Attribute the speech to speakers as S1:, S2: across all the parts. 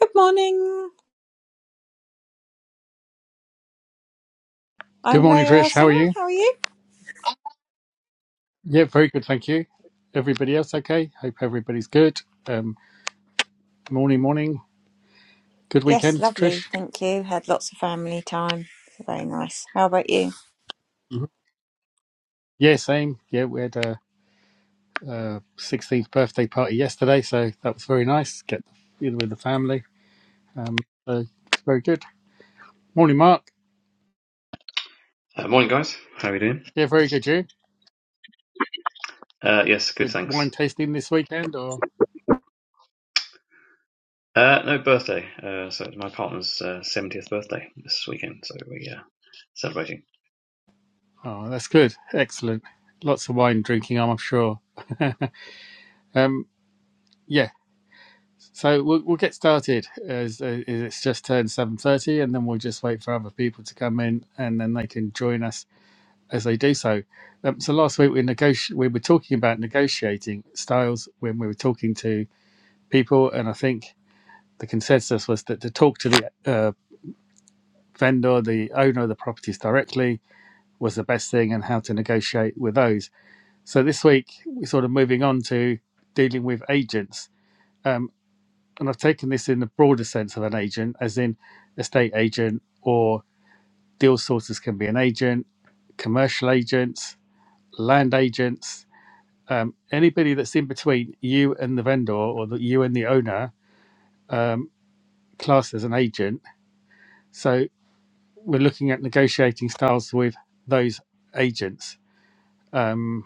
S1: Good morning.
S2: Good
S1: I'm
S2: morning,
S1: very well,
S2: Trish. How are
S1: Sana.
S2: you?
S1: How are you?
S2: Yeah, very good, thank you. Everybody else okay? Hope everybody's good. Um, morning, morning. Good
S1: Yes,
S2: weekend, Trish.
S1: lovely. Thank you. Had lots of family time. Very nice. How about you?
S2: hmm Yeah, same. Yeah, we had a, a 16th birthday party yesterday, so that was very nice. Get in with the family. Um, so it's very good. Morning, Mark.
S3: Uh, morning, guys. How are we doing?
S2: Yeah, very good. You
S3: Uh, yes, good,
S2: good wine
S3: thanks.
S2: tasting this weekend, or
S3: Uh, no birthday. Uh, so it's my partner's uh, 70th birthday this weekend, so we uh, celebrating.
S2: oh, that's good. Excellent. Lots of wine drinking, I'm sure. um, yeah, So we'll, we'll get started as, uh, as it's just turned seven thirty, and then we'll just wait for other people to come in, and then they can join us as they do so. Um, so last week we negoti- we were talking about negotiating styles when we were talking to people, and I think the consensus was that to talk to the uh, vendor, the owner of the properties directly, was the best thing, and how to negotiate with those. So this week we're sort of moving on to dealing with agents. Um, and I've taken this in the broader sense of an agent, as in estate agent or deal sources can be an agent, commercial agents, land agents, um, anybody that's in between you and the vendor or that you and the owner um, class as an agent. So we're looking at negotiating styles with those agents. Um,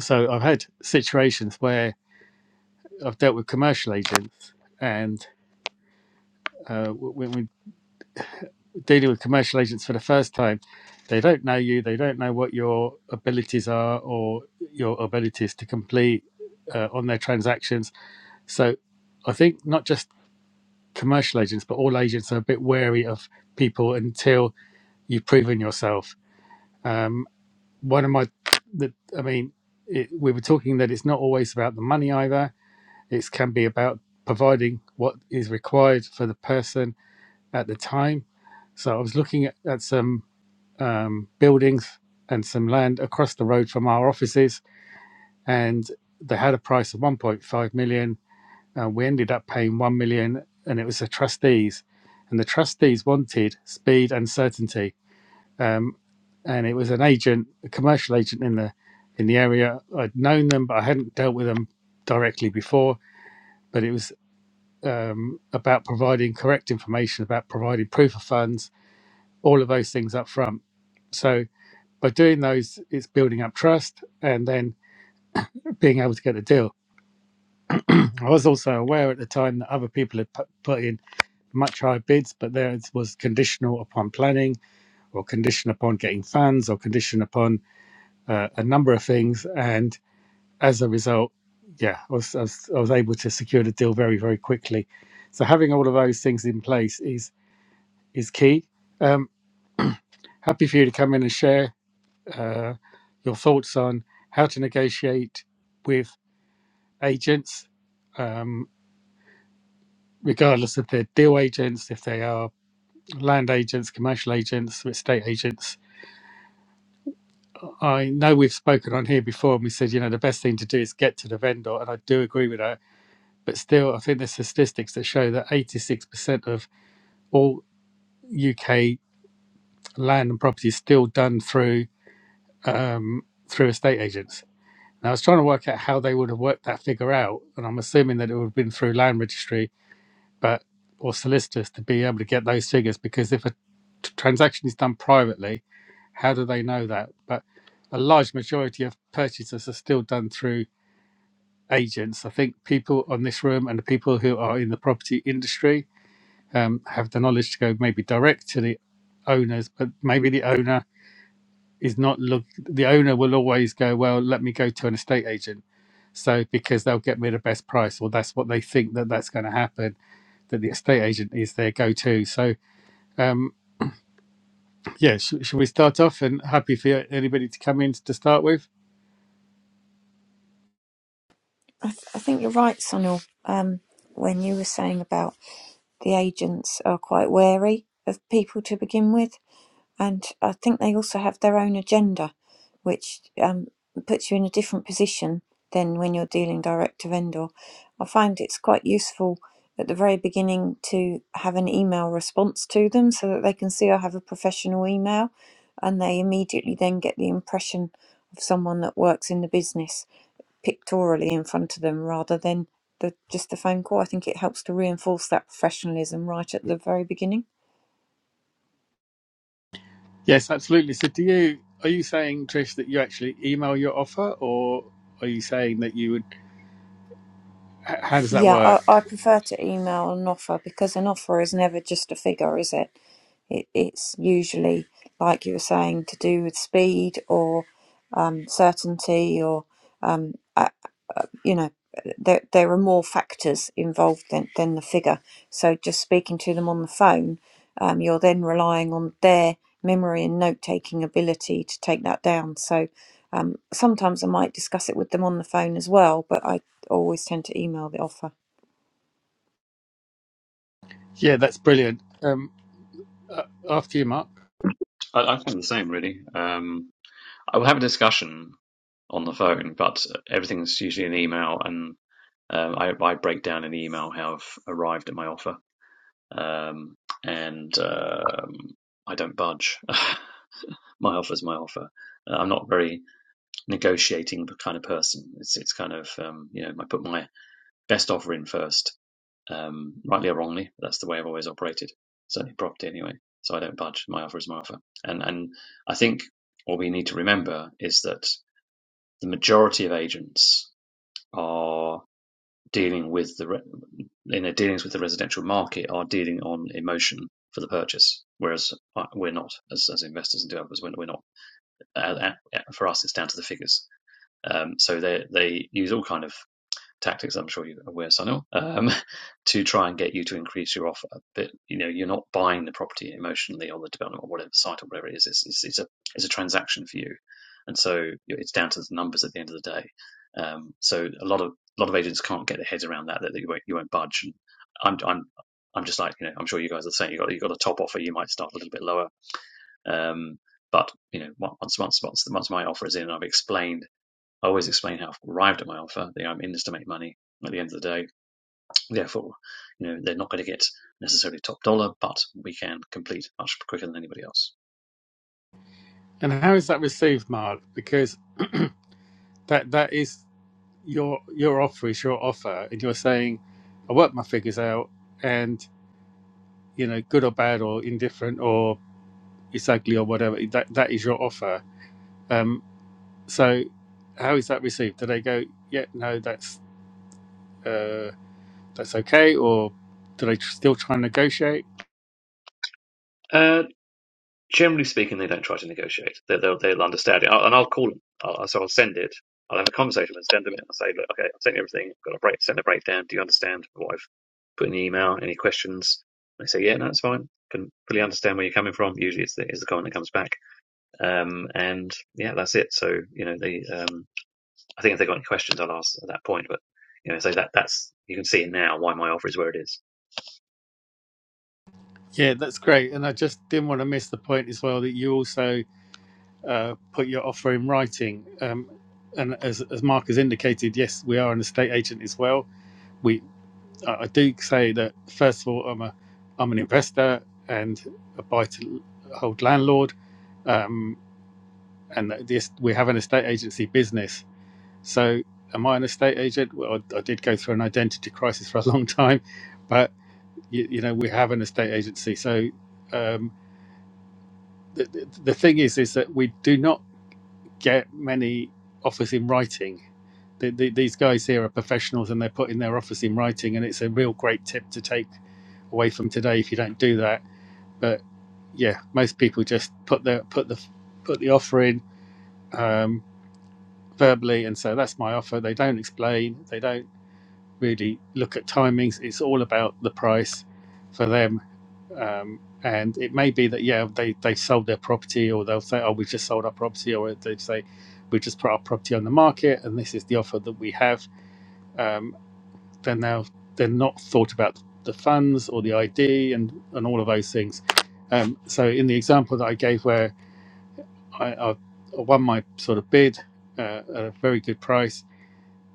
S2: so I've had situations where I've dealt with commercial agents and uh, when we. dealing with commercial agents for the first time, they don't know you, they don't know what your abilities are or your abilities to complete uh, on their transactions. So I think not just commercial agents, but all agents are a bit wary of people until you've proven yourself. Um, one of my, the, I mean, it, we were talking that it's not always about the money either. It can be about providing what is required for the person at the time. So I was looking at, at some um, buildings and some land across the road from our offices, and they had a price of 1.5 million. And we ended up paying 1 million, and it was the trustees. And the trustees wanted speed and certainty. Um, and it was an agent, a commercial agent in the in the area. I'd known them, but I hadn't dealt with them directly before. But it was um, about providing correct information, about providing proof of funds, all of those things up front. So by doing those, it's building up trust and then being able to get a deal. I was also aware at the time that other people had put in much higher bids, but theirs was conditional upon planning or condition upon getting funds or condition upon uh, a number of things. And as a result, yeah, I was, I, was, I was able to secure the deal very, very quickly. So having all of those things in place is is key. Um, happy for you to come in and share uh, your thoughts on how to negotiate with agents, um, regardless if they're deal agents, if they are land agents, commercial agents, estate agents. I know we've spoken on here before and we said, you know, the best thing to do is get to the vendor. And I do agree with that. But still, I think there's statistics that show that 86% of all UK land and property is still done through um, through estate agents. Now, I was trying to work out how they would have worked that figure out. And I'm assuming that it would have been through land registry but or solicitors to be able to get those figures because if a t- transaction is done privately, how do they know that? But a large majority of purchases are still done through agents. I think people on this room and the people who are in the property industry um, have the knowledge to go maybe direct to the owners, but maybe the owner is not look. The owner will always go, well, let me go to an estate agent. So because they'll get me the best price, or that's what they think that that's going to happen. That the estate agent is their go-to. So um, yeah, sh- shall we start off? And happy for anybody to come in to start with.
S1: I, th- I think you're right, Sonal. Um, when you were saying about the agents are quite wary of people to begin with, And I think they also have their own agenda, which um, puts you in a different position than when you're dealing direct to vendor. I find it's quite useful at the very beginning to have an email response to them so that they can see I have a professional email and they immediately then get the impression of someone that works in the business pictorially in front of them rather than the, just the phone call. I think it helps to reinforce that professionalism right at the very beginning.
S2: Yes, absolutely. So, do you are you saying, Trish, that you actually email your offer, or are you saying that you would? h- How does that
S1: Yeah, I,
S2: work?
S1: I prefer to email an offer because an offer is never just a figure, is it? it it's usually, like you were saying, to do with speed or um, certainty, or uh, you know, there there are more factors involved than than the figure. So just speaking to them on the phone, um, you're then relying on their memory and note taking ability to take that down. So um, sometimes I might discuss it with them on the phone as well, but I always tend to email the offer.
S2: Yeah, that's brilliant. Um, uh, after you, Mark.
S3: I, I find the same really. Um, I will have a discussion on the phone, but everything's usually an email, and um, I, I break down in the email how I've arrived at my offer, um, and um, I don't budge. my offer's my offer. Uh, I'm not very negotiating kind of person. It's it's kind of um, you know I put my best offer in first. Um, rightly or wrongly, that's the way I've always operated. Certainly property anyway. So I don't budge. My offer is my offer. And and I think what we need to remember is that the majority of agents are dealing with the re- in their dealings with the residential market are dealing on emotion for the purchase, whereas uh, we're not as, as investors and developers. We're, not. we're not. Uh, uh, for us, it's down to the figures. Um, so they they use all kind of tactics I'm sure you're aware, Sunil, um, to try and get you to increase your offer. But you know, you're not buying the property emotionally or the development or whatever site or whatever it is. It's, it's, it's a it's a transaction for you, and so it's down to the numbers at the end of the day. Um, so a lot of a lot of agents can't get their heads around that that you won't you won't budge. And I'm I'm I'm just like you know I'm sure you guys are saying you got you got a top offer you might start a little bit lower. Um, but you know once once once once my offer is in and I've explained I always explain how I've arrived at my offer. That I'm in this to make money at the end of the day. Therefore, you know, they're not going to get necessarily top dollar, but we can complete much quicker than anybody else.
S2: And how is that received, Mark? Because that that is your your offer is your offer, and you're saying, I work my figures out, and you know, good or bad or indifferent or it's ugly or whatever. That that is your offer. Um, So, how is that received? Do they go, yeah, no, that's uh, that's okay, or do they tr- still try and negotiate?
S3: Uh, generally speaking, they don't try to negotiate. They, they'll, they'll understand it, I'll, and I'll call them. I'll, so I'll send it. I'll have a conversation and send them it. I'll say, look, okay, I've sent you everything. I've got a break, send a breakdown. Do you understand what I've put in the email? Any questions? They say, yeah, no, it's fine. Can fully understand where you're coming from. Usually, it's the, it's the comment that comes back. Um, and yeah, that's it. So you know, they um, I think if they've got any questions, I'll ask at that point. But you know, so that that's you can see it now why my offer is where it is.
S2: Yeah, that's great. And I just didn't want to miss the point as well that you also uh, put your offer in writing. Um, and as, as Mark has indicated, yes, we are an estate agent as well. We I I do say that first of all, I'm a I'm an investor and a buy to hold landlord, um, and that this we have an estate agency business. So, am I an estate agent? Well, I, I did go through an identity crisis for a long time, but you, you know we have an estate agency. So, um, the, the, the thing is, is that we do not get many offers in writing. The, the, these guys here are professionals, and they're putting their offers in writing, and it's a real great tip to take away from today if you don't do that. But yeah, most people just put their put the put the offer in um, verbally and say that's my offer. They don't explain. They don't. really look at timings. It's all about the price for them. Um, and it may be that, yeah, they, they sold their property or they'll say, oh, we've just sold our property. Or they say, we just put our property on the market and this is the offer that we have. Um, then they'll, they're not thought about the funds or the ID and, and all of those things. Um, so in the example that I gave where I, I won my sort of bid uh, at a very good price,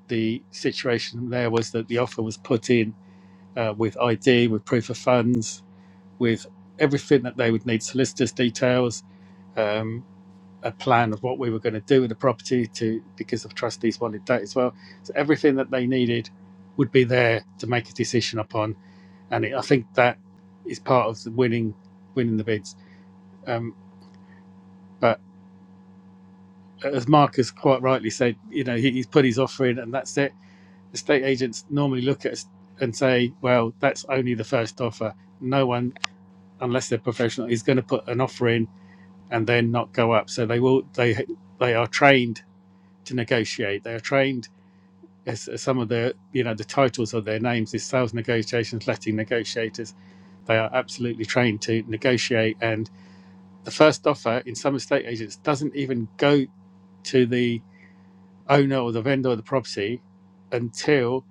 S2: the situation there was that the offer was put in uh, with ID, with proof of funds, with everything that they would need, solicitors' details, um, a plan of what we were going to do with the property to because the trustees wanted that as well. So everything that they needed would be there to make a decision upon, and it, I think that is part of the winning winning the bids. Um, but as Marcus quite rightly said, you know he, he's put his offer in, and that's it. Estate agents normally look at us and say, "Well, that's only the first offer." No one unless they're professional, is going to put an offer in and then not go up. So they will. They they are trained to negotiate. They are trained. As, some of the you know the titles of their names is sales negotiations, letting negotiators. They are absolutely trained to negotiate. And the first offer in some estate agents doesn't even go to the owner or the vendor of the property until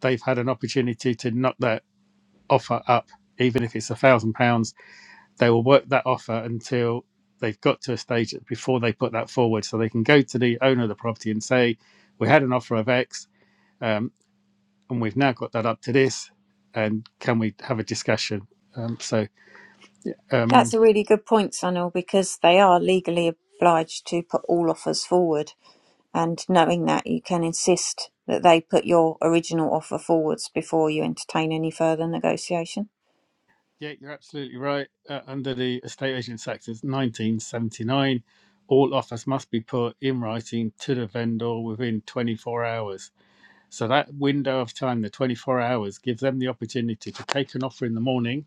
S2: they've had an opportunity to knock that offer up, even if it's a £1,000 they will work that offer until they've got to a stage before they put that forward. So they can go to the owner of the property and say, "We had an offer of X, um, and we've now got that up to this, and can we have a discussion?" Um, so um,
S1: That's a really good point, Sunil, because they are legally obliged to put all offers forward. And knowing that, you can insist that they put your original offer forwards before you entertain any further negotiation.
S2: yeah, you're absolutely right. Uh, under the Estate Agents Act of 1979, all offers must be put in writing to the vendor within 24 hours. So that window of time, the 24 hours, gives them the opportunity to take an offer in the morning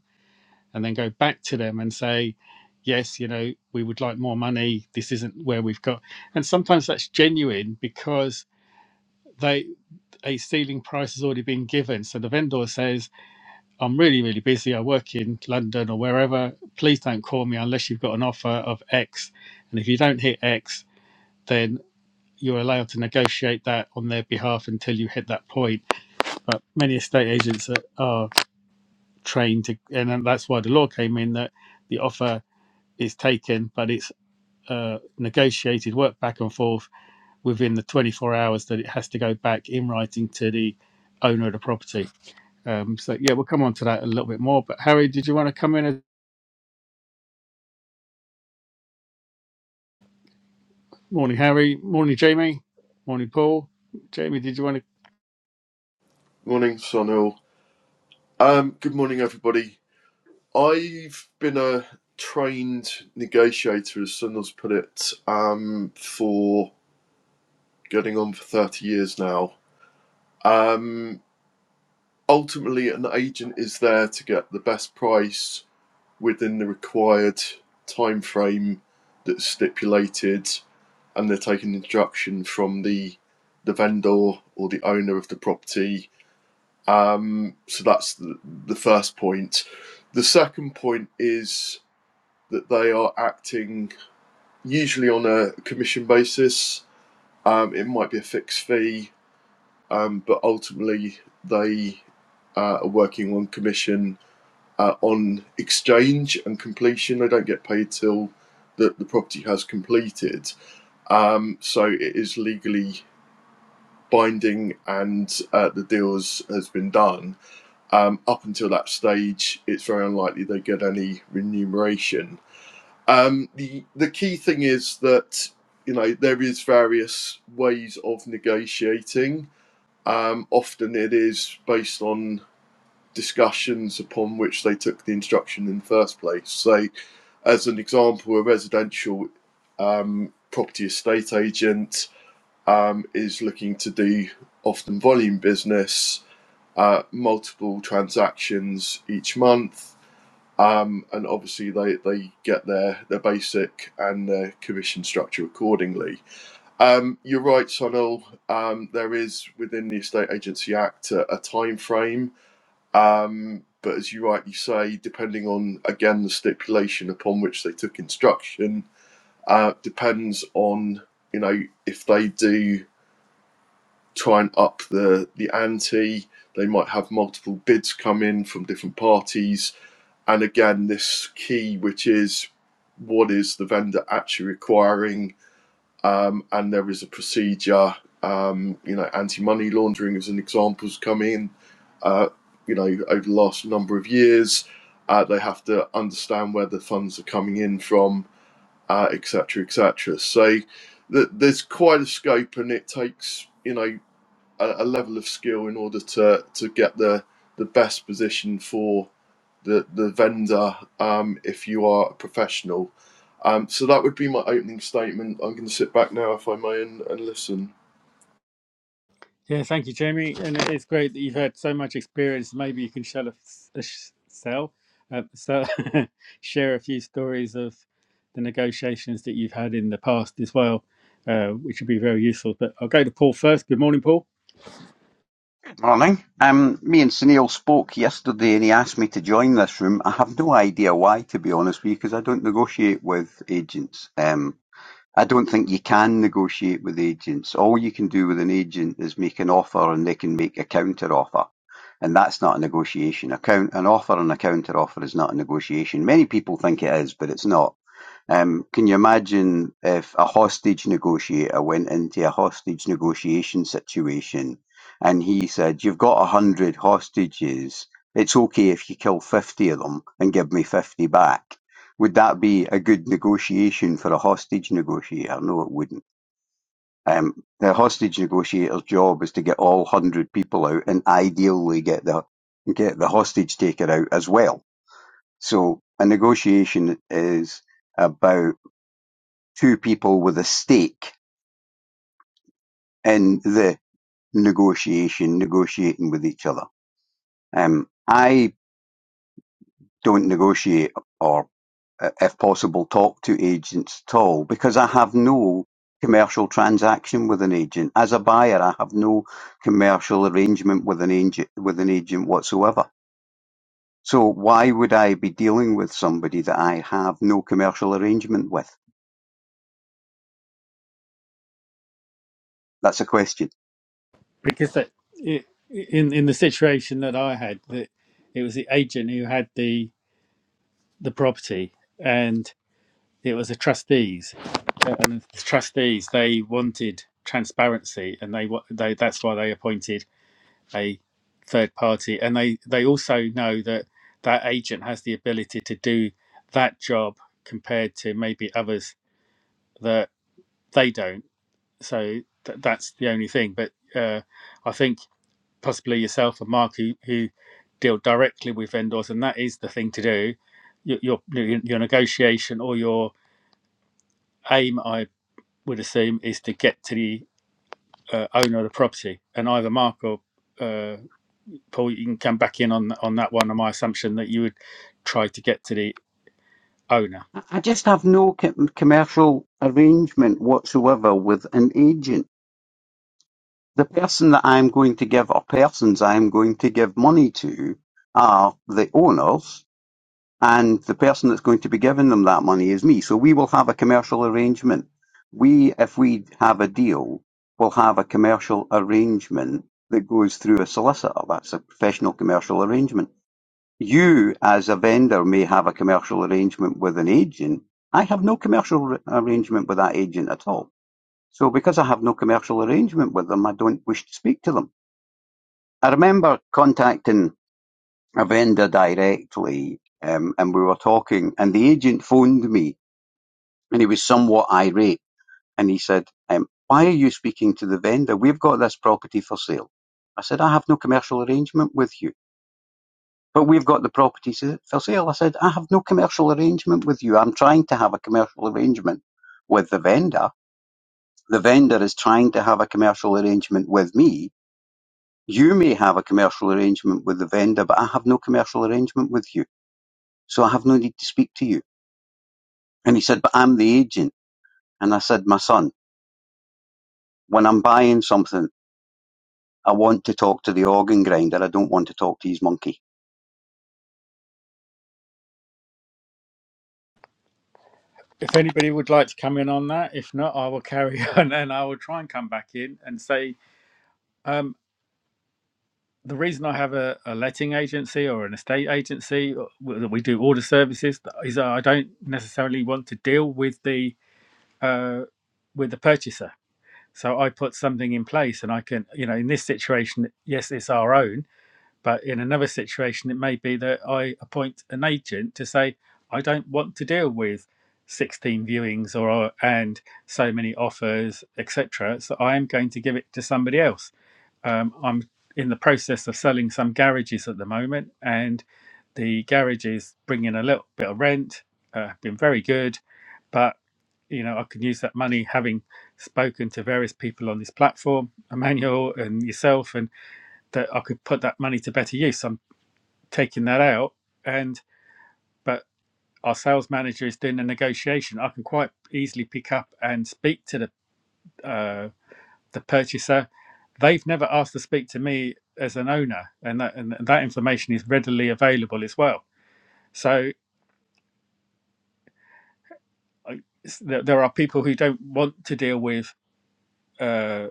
S2: and then go back to them and say, yes, you know, we would like more money. This isn't where we've got. And sometimes that's genuine because they a ceiling price has already been given. So the vendor says, I'm really, really busy. I work in London or wherever. Please don't call me unless you've got an offer of X. And if you don't hit X, then you're allowed to negotiate that on their behalf until you hit that point. But many estate agents are, are trained to, and that's why the law came in that the offer is taken, but it's uh, negotiated, worked back and forth within the 24 hours that it has to go back in writing to the owner of the property. Um, so yeah, we'll come on to that a little bit more. But Harry, did you want to come in? Morning, Harry. Morning, Jamie. Morning, Paul. Jamie, did you want to?
S4: Morning, Sonal. Um, good morning, everybody. I've been a trained negotiator, as Sonal's put it, um, for getting on for 30 years now. Um, ultimately, an agent is there to get the best price within the required time frame that's stipulated, and they're taking instruction from the the vendor or the owner of the property Um, so that's the, the first point. The second point is that they are acting usually on a commission basis. Um, it might be a fixed fee, um, but ultimately they uh, are working on commission uh, on exchange and completion. They don't get paid till the, the property has completed. Um, so it is legally binding and uh, the deal has, has been done. Um, up until that stage, it's very unlikely they get any remuneration. Um, the the key thing is that you know there is various ways of negotiating. Um, often it is based on discussions upon which they took the instruction in the first place. So, as an example, a residential um, property estate agent um, is looking to do often volume business uh, multiple transactions each month, um, and obviously they, they get their, their basic and their commission structure accordingly. Um, you're right, Sonal. Um, there is within the Estate Agency Act a, a time frame, um, but as you rightly say, depending on again the stipulation upon which they took instruction, uh, depends on you know if they do try and up the the ante. They might have multiple bids come in from different parties, and again, this key, which is what is the vendor actually requiring, um, and there is a procedure. Um, you know, anti-money laundering as an example has come in. Uh, you know, over the last number of years, uh, they have to understand where the funds are coming in from, etc., uh, etc. Et cetera. so th- there's quite a scope, and it takes you know a, a level of skill in order to to get the the best position for the the vendor um, if you are a professional. Um, so that would be my opening statement. I'm going to sit back now, if I may, and, and listen.
S2: Yeah, thank you, Jamie. And it's great that you've had so much experience. Maybe you can share a, f- a sh- sell, uh, so share a few stories of the negotiations that you've had in the past as well, uh, which would be very useful. But I'll go to Paul first. Good morning, Paul.
S5: Morning. Um, me and Sunil spoke yesterday and he asked me to join this room. I have no idea why, to be honest with you, because I don't negotiate with agents. Um, I don't think you can negotiate with agents. All you can do with an agent is make an offer and they can make a counter offer. And that's not a negotiation. A count, an offer and a counter offer is not a negotiation. Many people think it is, but it's not. Um, can you imagine if a hostage negotiator went into a hostage negotiation situation and he said, You've got a hundred hostages. It's okay if you kill 50 of them and give me 50 back. Would that be a good negotiation for a hostage negotiator? No, it wouldn't. Um, the hostage negotiator's job is to get all hundred people out and ideally get the get the hostage taker out as well. So a negotiation is about two people with a stake in the negotiation, negotiating with each other. Um, I don't negotiate or, uh, if possible, talk to agents at all because I have no commercial transaction with an agent. As a buyer, I have no commercial arrangement with an agent, with an agent whatsoever. So why would I be dealing with somebody that I have no commercial arrangement with? That's a question.
S2: Because that i in in the situation that I had, that it was the agent who had the the property, and it was the trustees, and the trustees they wanted transparency, and they wa- they that's why they appointed a third party, and they they also know that that agent has the ability to do that job compared to maybe others that they don't. So th- that's the only thing. But uh, I think possibly yourself and Mark, who, who deal directly with vendors, and that is the thing to do. Your your, your negotiation or your aim, I would assume, is to get to the uh, owner of the property, and either Mark or uh, Paul, you can come back in on on that one. On my assumption that you would try to get to the owner.
S5: I I just have no co- commercial arrangement whatsoever with an agent. The person that I'm going to give, or persons I'm going to give money to, are the owners, and the person that's going to be giving them that money is me. So we will have a commercial arrangement. We, if we have a deal, will have a commercial arrangement that goes through a solicitor. That's a professional commercial arrangement. You, as a vendor, may have a commercial arrangement with an agent. I have no commercial arrangement with that agent at all. So because I have no commercial arrangement with them, I don't wish to speak to them. I remember contacting a vendor directly, um, and we were talking, and the agent phoned me, and he was somewhat irate, and he said, um, "Why are you speaking to the vendor? We've got this property for sale." I said, "I have no commercial arrangement with you." But we've got the property for sale. I said, I have no commercial arrangement with you. I'm trying to have a commercial arrangement with the vendor. The vendor is trying to have a commercial arrangement with me. You may have a commercial arrangement with the vendor, but I have no commercial arrangement with you. So I have no need to speak to you. And he said, but I'm the agent. And I said, my son, when I'm buying something, I want to talk to the organ grinder. I don't want to talk to his monkey.
S2: If anybody would like to come in on that, if not, I will carry on and I will try and come back in and say um, the reason I have a, a letting agency or an estate agency or- that we do order services is that I don't necessarily want to deal with the uh, with the purchaser. So I put something in place, and I can, you know, in this situation, yes, it's our own, But in another situation, it may be that I appoint an agent to say, I don't want to deal with 16 viewings or and so many offers, etc. So I am going to give it to somebody else. Um, I'm in the process of selling some garages at the moment, and the garages bring in a little bit of rent. Uh, been very good, but you know I can use that money having spoken to various people on this platform, Emmanuel and yourself, and that I could put that money to better use. I'm taking that out, and but our sales manager is doing the negotiation. I can quite easily pick up and speak to the uh, the purchaser. They've never asked to speak to me as an owner, and that and that information is readily available as well. So I, there there are people who don't want to deal with. uh,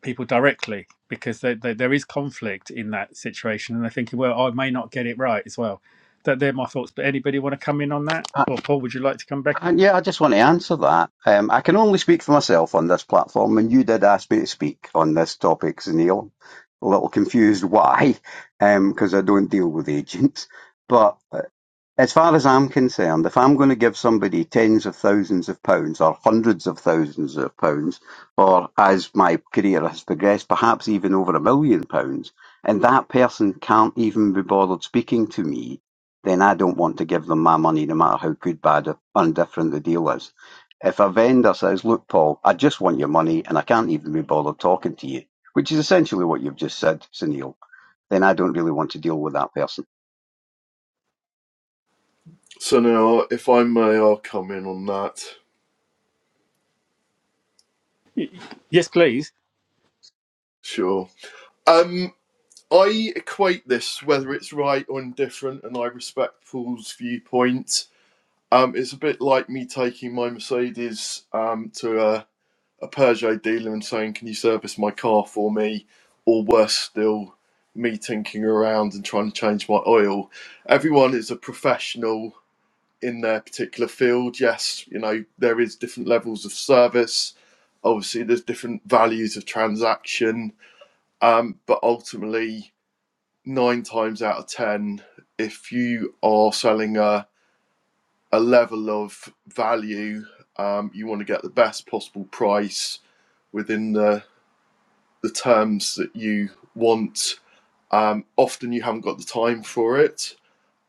S2: people directly because they, they, there is conflict in that situation and they're thinking well i may not get it right as well that they're my thoughts but anybody want to come in on that or paul would you like to come back
S5: And yeah, I just want to answer that. Um, I can only speak for myself on this platform, and you did ask me to speak on this topic, Neil. A little confused why, because I don't deal with agents. But uh, as far as I'm concerned, if I'm going to give somebody tens of thousands of pounds or hundreds of thousands of pounds, or as my career has progressed, perhaps even over a million pounds, and that person can't even be bothered speaking to me, then I don't want to give them my money, no matter how good, bad, or indifferent the deal is. If a vendor says, Look, Paul, I just want your money and I can't even be bothered talking to you, which is essentially what you've just said, Sunil, then I don't really want to deal with that person.
S4: So now, if I may, I'll come in on that.
S2: yes please
S4: Sure. Um, I equate this, whether it's right or indifferent, and I respect Paul's viewpoint. Um, it's a bit like me taking my Mercedes um, to a a Peugeot dealer and saying, "Can you service my car for me?" Or worse still, me tinkering around and trying to change my oil. Everyone is a professional in their particular field. Yes, you know there is different levels of service. Obviously, there's different values of transaction, um, but ultimately, nine times out of ten, if you are selling a a level of value, um, you want to get the best possible price within the the terms that you want. Um, often you haven't got the time for it.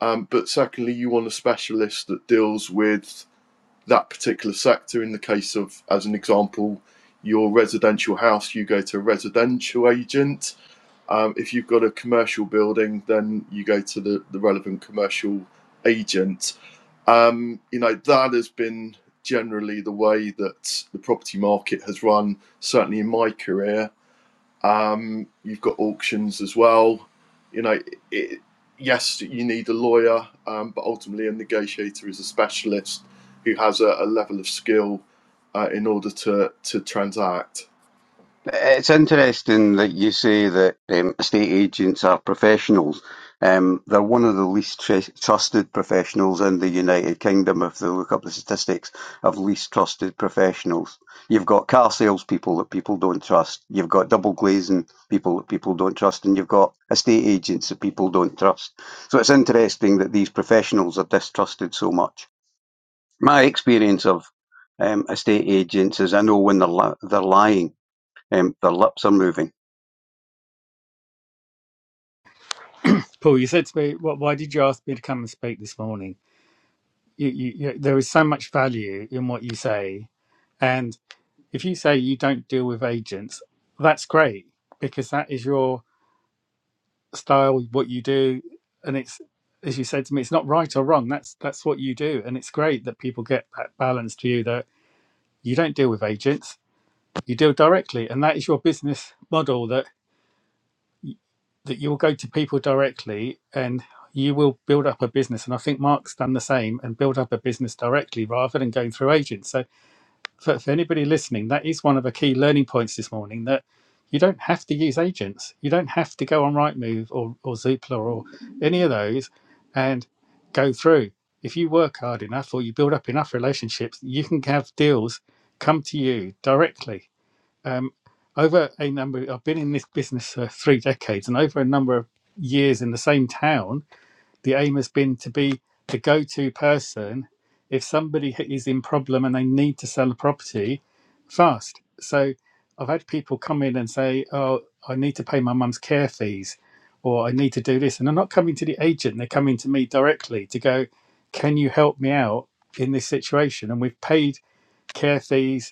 S4: Um, but secondly, you want a specialist that deals with that particular sector. In the case of, as an example, your residential house, you go to a residential agent. Um, if you've got a commercial building, then you go to the, the relevant commercial agent. Um, you know, that has been generally the way that the property market has run, certainly in my career um, you've got auctions as well. You know, it, yes, you need a lawyer, um, but ultimately a negotiator is a specialist who has a, a level of skill uh, in order to to transact.
S5: It's interesting that you say that um, estate agents are professionals. Um, they're one of the least tr- trusted professionals in the United Kingdom. If they look up the statistics of least trusted professionals, you've got car salespeople that people don't trust. You've got double glazing people that people don't trust, and you've got estate agents that people don't trust. So it's interesting that these professionals are distrusted so much. My experience of um, estate agents is I know when they're li- they're lying. Um, their lips are moving.
S2: paul you said to me well, why did you ask me to come and speak this morning you, you, you, there is so much value in what you say and if you say you don't deal with agents that's great because that is your style, what you do, and it's as you said to me, it's not right or wrong. That's that's what you do, and it's great that people get that balance to you that you don't deal with agents, you deal directly, and that is your business model that that you will go to people directly and you will build up a business. And I think Mark's done the same and build up a business directly rather than going through agents. So. for, for anybody listening, that is one of the key learning points this morning that you don't have to use agents. You don't have to go on Rightmove or, or Zoopla or any of those and go through. If you work hard enough or you build up enough relationships, you can have deals come to you directly. Um, over a number, I've been in this business for three decades, and over a number of years in the same town, the aim has been to be the go-to person if somebody is in problem and they need to sell a property fast so i've had people come in and say oh i need to pay my mum's care fees or i need to do this and they're not coming to the agent they're coming to me directly to go can you help me out in this situation and we've paid care fees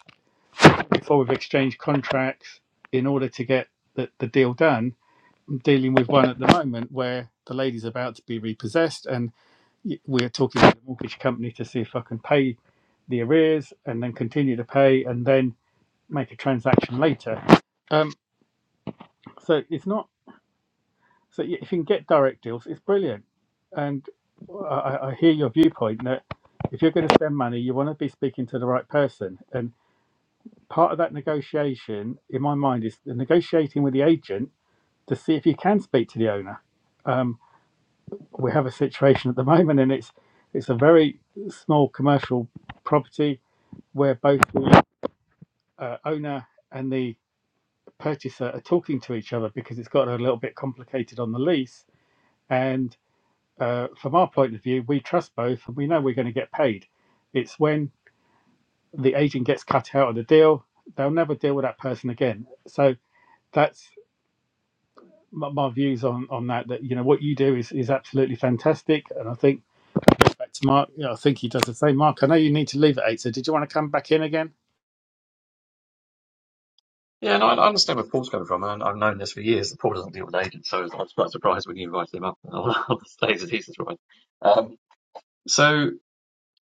S2: before we've exchanged contracts in order to get the, the deal done i'm dealing with one at the moment where the lady's about to be repossessed and y- we're talking to the mortgage company to see if I can pay the arrears and then continue to pay and then make a transaction later. Um, so it's not so y- if you can get direct deals, it's brilliant. And I, I I hear your viewpoint that if you're going to spend money, you want to be speaking to the right person. And part of that negotiation, in my mind, is the negotiating with the agent to see if you can speak to the owner. Um, we have a situation at the moment, and it's it's a very small commercial property where both the uh, owner and the purchaser are talking to each other because it's got a little bit complicated on the lease. And uh, from our point of view, we trust both and we know we're going to get paid. It's when the agent gets cut out of the deal, they'll never deal with that person again. So that's my, my views on, on that. That you know what you do is, is absolutely fantastic, and I think back to Mark. Yeah, I think he does the same. Mark, I know you need to leave at eight, so did you want to come back in again?
S3: Yeah, and I, I understand where Paul's coming from, and I've known this for years. That Paul doesn't deal with agents, so I was quite surprised when you invited him up and all the things that he's right. Um, so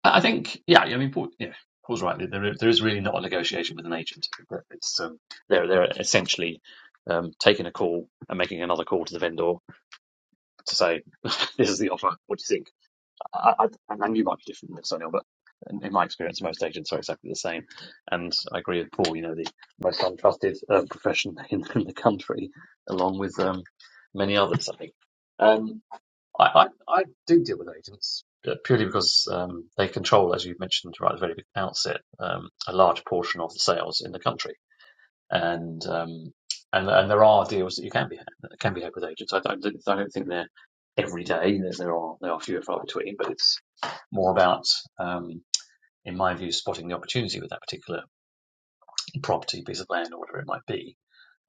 S3: I I think, yeah, I mean, Paul, yeah, Paul's right. There, there is really not a negotiation with an agent. It's um, they're they're essentially um, taking a call and making another call to the vendor to say, "This is the offer. What do you think?" I, I, and you might be different, Miss O'Neill, but in, in my experience, most agents are exactly the same. And I agree with Paul. You know, the most untrusted um, profession in, in the country, along with um, many others. I think. Um, I, I, I do deal with agents uh, purely because um, they control, as you mentioned right at the very outset, um, a large portion of the sales in the country, and um, and and there are deals that you can be that can be had with agents. I don't I don't think they're every day. there are there are few and far between, but it's more about, um, in my view, spotting the opportunity with that particular property, piece of land, or whatever it might be,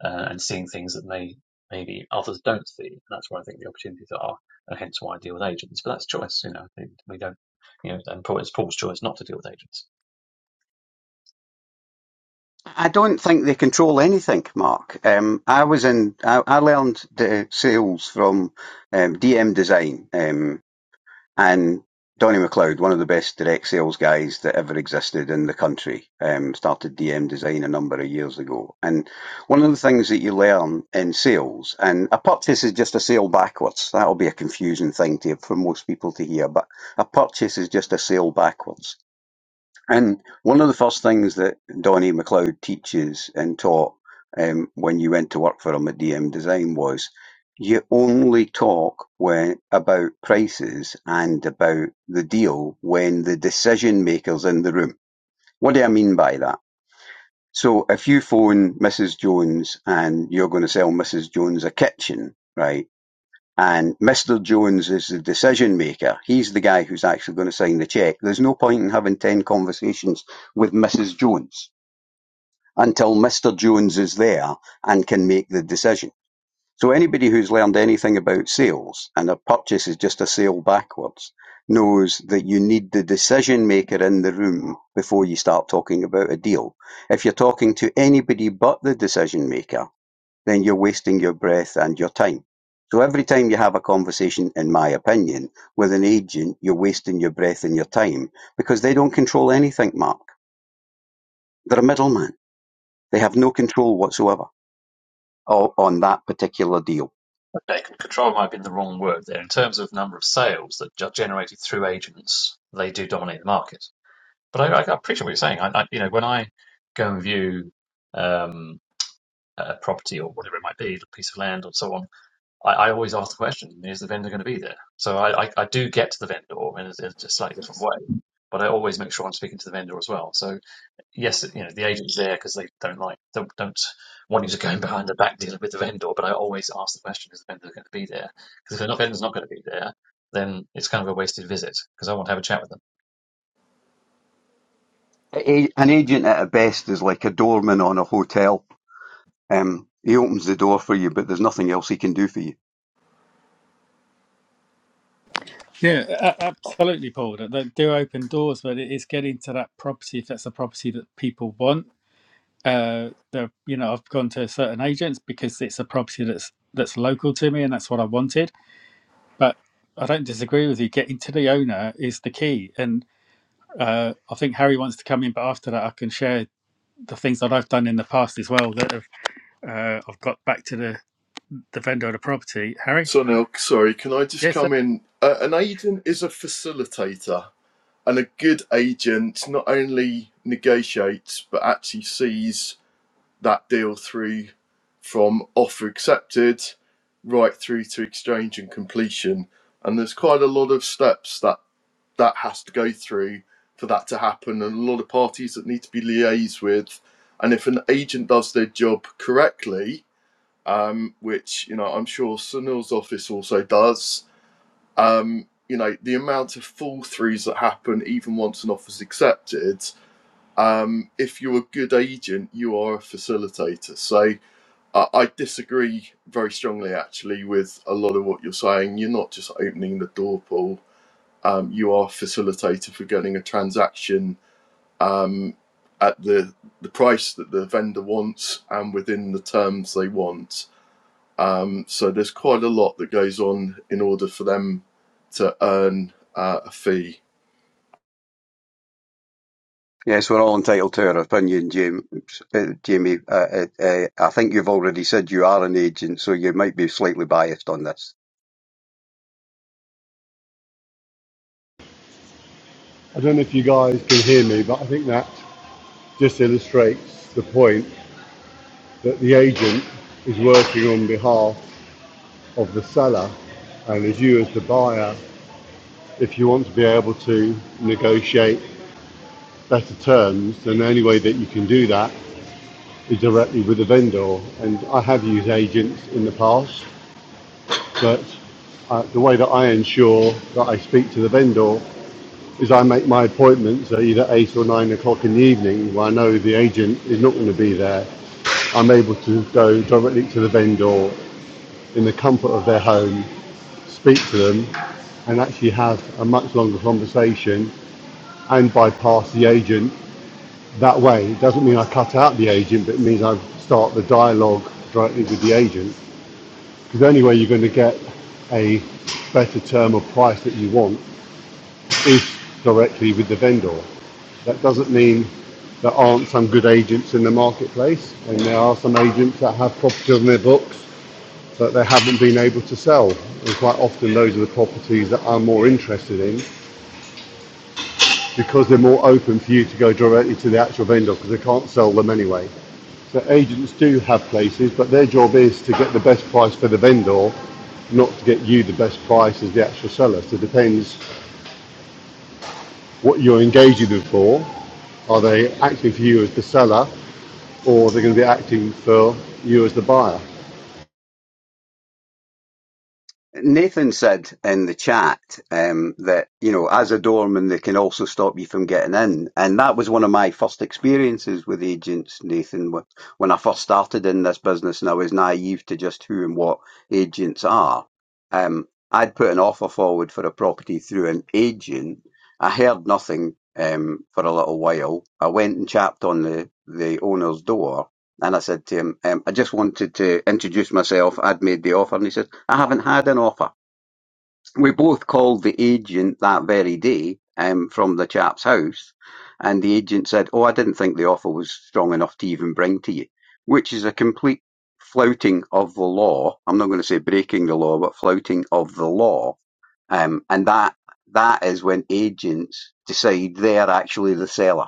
S3: uh, and seeing things that may maybe others don't see. And that's where I think the opportunities are, and hence why I deal with agents. But that's choice, you know. We don't, you know, and it's Paul's choice not to deal with agents.
S5: I don't think they control anything, Mark. Um, I was in. I, I learned the sales from um, DM Design um, and Donny McLeod, one of the best direct sales guys that ever existed in the country. Um, started DM Design a number of years ago, and one of the things that you learn in sales, and a purchase is just a sale backwards. That'll be a confusing thing to for most people to hear, but a purchase is just a sale backwards And one of the first things that Donnie MacLeod teaches and taught um, when you went to work for him at DM Design was you only talk when about prices and about the deal when the decision maker's in the room. What do I mean by that? So if you phone Mrs. Jones and you're going to sell Mrs. Jones a kitchen, right? and Mr. Jones is the decision maker. He's the guy who's actually going to sign the check. There's no point in having 10 conversations with Mrs. Jones until Mr. Jones is there and can make the decision. So anybody who's learned anything about sales and a purchase is just a sale backwards knows that you need the decision maker in the room before you start talking about a deal. If you're talking to anybody but the decision maker, then you're wasting your breath and your time. So every time you have a conversation, in my opinion, with an agent, you're wasting your breath and your time because they don't control anything, Mark. They're a middleman. They have no control whatsoever o- on that particular deal.
S3: Okay, control might have been the wrong word there. In terms of number of sales that are generated through agents, they do dominate the market. But I, I appreciate what you're saying. I, I, you know, when I go and view um, a property or whatever it might be, a piece of land or so on I, I always ask the question: Is the vendor going to be there? So I, I, I do get to the vendor in a, in a slightly different way, but I always make sure I'm speaking to the vendor as well. So yes, you know the agent's there because they don't like don't, don't want you to go in behind the back dealing with the vendor. But I always ask the question: Is the vendor going to be there? Because if the vendor's not going to be there, then it's kind of a wasted visit because I want to have a chat with them.
S5: A- An agent at a best is like a doorman on a hotel. Um, he opens the door for you, but there's nothing else he can do for you.
S2: Yeah, a- absolutely, Paul. That, that do open doors, but it is getting to that property if that's a property that people want. Uh, the you know I've gone to certain agents because it's a property that's that's local to me and that's what I wanted. But I don't disagree with you. Getting to the owner is the key, and uh, I think Harry wants to come in. But after that, I can share the things that I've done in the past as well that have, uh, I've got back to the the vendor of the property. Harry,
S4: Sonil, sorry, can I just
S2: yes, sir.
S4: come in? Uh, an agent is a facilitator, and a good agent not only negotiates but actually sees that deal through from offer accepted right through to exchange and completion. And there's quite a lot of steps that that has to go through for that to happen, and a lot of parties that need to be liaised with. And if an agent does their job correctly, um, which you know I'm sure Sunil's office also does, um, you know the amount of fall throughs that happen even once an offer's accepted. Um, if you're a good agent, you are a facilitator. So I, I disagree very strongly, actually, with a lot of what you're saying. You're not just opening the door, Paul. Um, you are facilitator for getting a transaction um, at the the price that the vendor wants and within the terms they want. Um, so there's quite a lot that goes on in order for them to earn uh, a fee.
S5: Yes, we're all entitled to our opinion, Jamie. Uh, Jamie, uh, uh, uh, I think you've already said you are an agent, so you might be slightly biased on this.
S6: I don't know if you guys can hear me, but I think that just illustrates the point that the agent is working on behalf of the seller, and as you, as the buyer, if you want to be able to negotiate better terms, then the only way that you can do that is directly with the vendor. And I have used agents in the past, but uh, the way that I ensure that I speak to the vendor is I make my appointments at either eight or nine o'clock in the evening, where I know the agent is not going to be there. I'm able to go directly to the vendor in the comfort of their home, speak to them, and actually have a much longer conversation and bypass the agent that way. It doesn't mean I cut out the agent, but it means I start the dialogue directly with the agent. Because the only way you're going to get a better term or price that you want is directly with the vendor. That doesn't mean there aren't some good agents in the marketplace, and there are some agents that have properties on their books that they haven't been able to sell. And quite often, those are the properties that I'm more interested in because they're more open for you to go directly to the actual vendor because they can't sell them anyway. So, agents do have places, but their job is to get the best price for the vendor, not to get you the best price as the actual seller. So, it depends what you're engaging them for. Are they acting for you as the seller or they're going to be acting for you as the buyer.
S5: Nathan said in the chat um, that you know, as a doorman, they can also stop you from getting in, and that was one of my first experiences with agents. Nathan, when I first started in this business, and I was naive to just who and what agents are. Um, I'd put an offer forward for a property through an agent. I heard nothing um, for a little while. I went and chapped on the the owner's door, and I said to him, um, I just wanted to introduce myself. I'd made the offer. And he said, I haven't had an offer we both called the agent that very day um, from the chap's house, and the agent said, "Oh, I didn't think the offer was strong enough to even bring to you," which is a complete flouting of the law. I'm not going to say breaking the law, but flouting of the law, um, and that that is when agents decide they are actually the seller,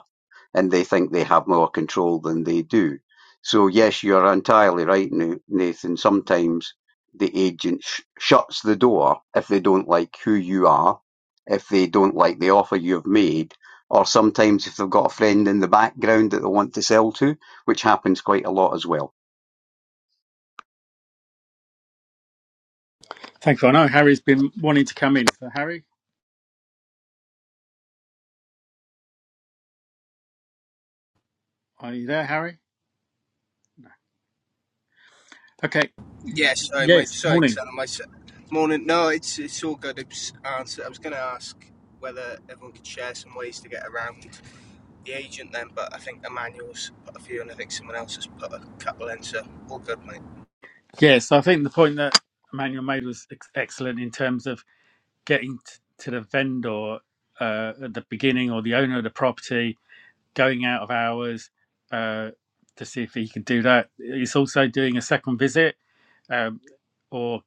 S5: and they think they have more control than they do. So yes, you are entirely right, Nathan. Sometimes the agent sh- shuts the door if they don't like who you are, if they don't like the offer you've made, or sometimes if they've got a friend in the background that they want to sell to, which happens quite a lot as well.
S2: Thank you. I know Harry's been wanting to come in. So Harry, are you there, Harry? Okay. Y-
S7: Yeah, sorry, mate.
S2: Yes.
S7: Sorry,
S2: Morning.
S7: Sam. My s- morning. No, it's it's all good. It's answer. I was going to ask whether everyone could share some ways to get around the agent then, but I think Emmanuel's put a few, and I think someone else has put a couple in. So all good, mate.
S2: Yes. I think the point that Emmanuel made was ex- excellent in terms of getting t- to the vendor uh, at the beginning or the owner of the property, going out of hours uh, to see if he can do that. It's also doing a second visit um, or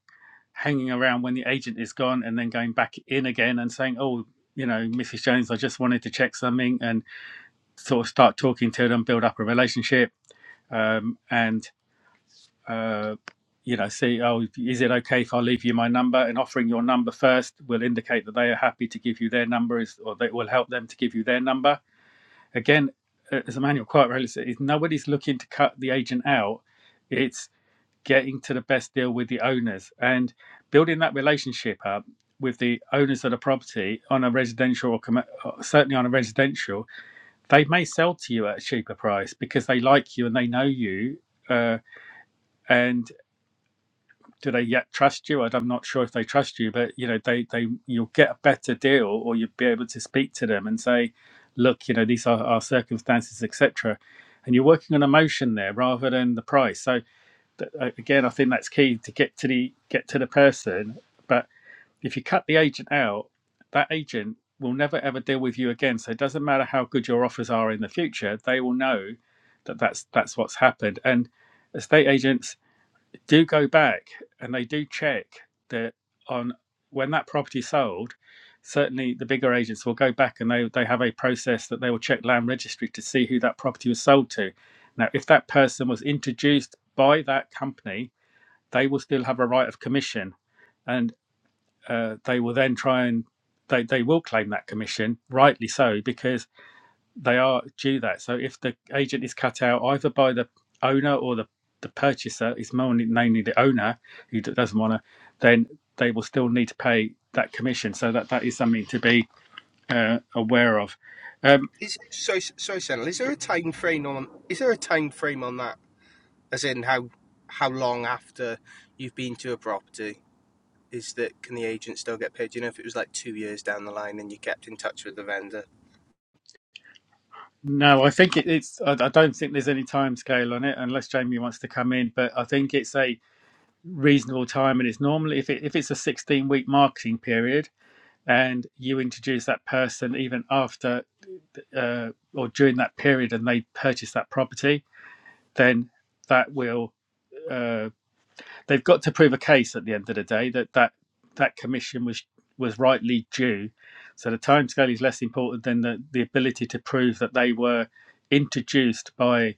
S2: hanging around when the agent is gone and then going back in again and saying, oh, you know, Mrs. Jones, I just wanted to check something and sort of start talking to them, build up a relationship. Um, and uh, you know, see, oh, is it okay if I leave you my number? And offering your number first will indicate that they are happy to give you their number, is, or that will help them to give you their number. Again, uh, as Emmanuel quite rightly said, is nobody's looking to cut the agent out. It's getting to the best deal with the owners and building that relationship up with the owners of the property on a residential or comm- or certainly on a residential. They may sell to you at a cheaper price because they like you and they know you. Uh, and do they yet trust you? I- am not sure if they trust you, but you know, they they you'll get a better deal, or you'll be able to speak to them and say, look, you know, these are our circumstances, etc. And you're working on emotion there rather than the price. So th- uh, again, I think that's key to get to the get to the person. But if you cut the agent out, that agent will never ever deal with you again. So it doesn't matter how good your offers are in the future; they will know that that's that's what's happened. And estate agents do go back and they do check that on when that property sold, certainly the bigger agents will go back and they, they have a process that they will check land registry to see who that property was sold to. Now, if that person was introduced by that company, they will still have a right of commission and uh, they will then try and they, they will claim that commission, rightly so, because they are due that. So if the agent is cut out either by the owner or the, the purchaser, is mainly, namely the owner who doesn't want to, then they will still need to pay that commission. So that, that is something to be uh, aware of. Um,
S7: Is sorry, sorry, Sam. Is there a time frame on? Is there a time frame on that? As in how how long after you've been to a property is that? Can the agent still get paid? You know, if it was like two years down the line and you kept in touch with the vendor.
S2: no, I think it, it's. I, I don't think there's any time scale on it, unless Jamie wants to come in. But I think it's a reasonable time, and it's normally if it, if it's a 16 week marketing period, and you introduce that person even after uh, or during that period and they purchase that property, then that will uh, they've got to prove a case at the end of the day that that that commission was was rightly due. So the timescale is less important than the, the ability to prove that they were introduced by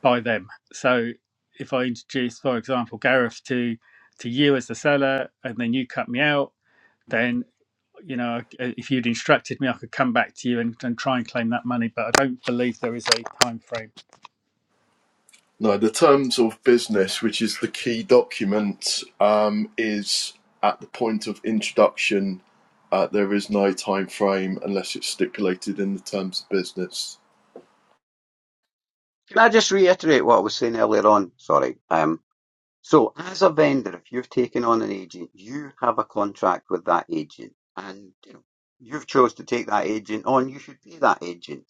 S2: by them. So if I introduce, for example, Gareth to to you as the seller, and then you cut me out, then you know, if you'd instructed me, I could come back to you and, and try and claim that money, but I don't believe there is a time frame.
S4: No, the terms of business, which is the key document, um, is at the point of introduction. Uh, there is no time frame unless it's stipulated in the terms of business.
S5: Can I just reiterate what I was saying earlier on? Sorry. Um, so, as a vendor, if you've taken on an agent, you have a contract with that agent, and you know, you've chose to take that agent on. You should pay that agent,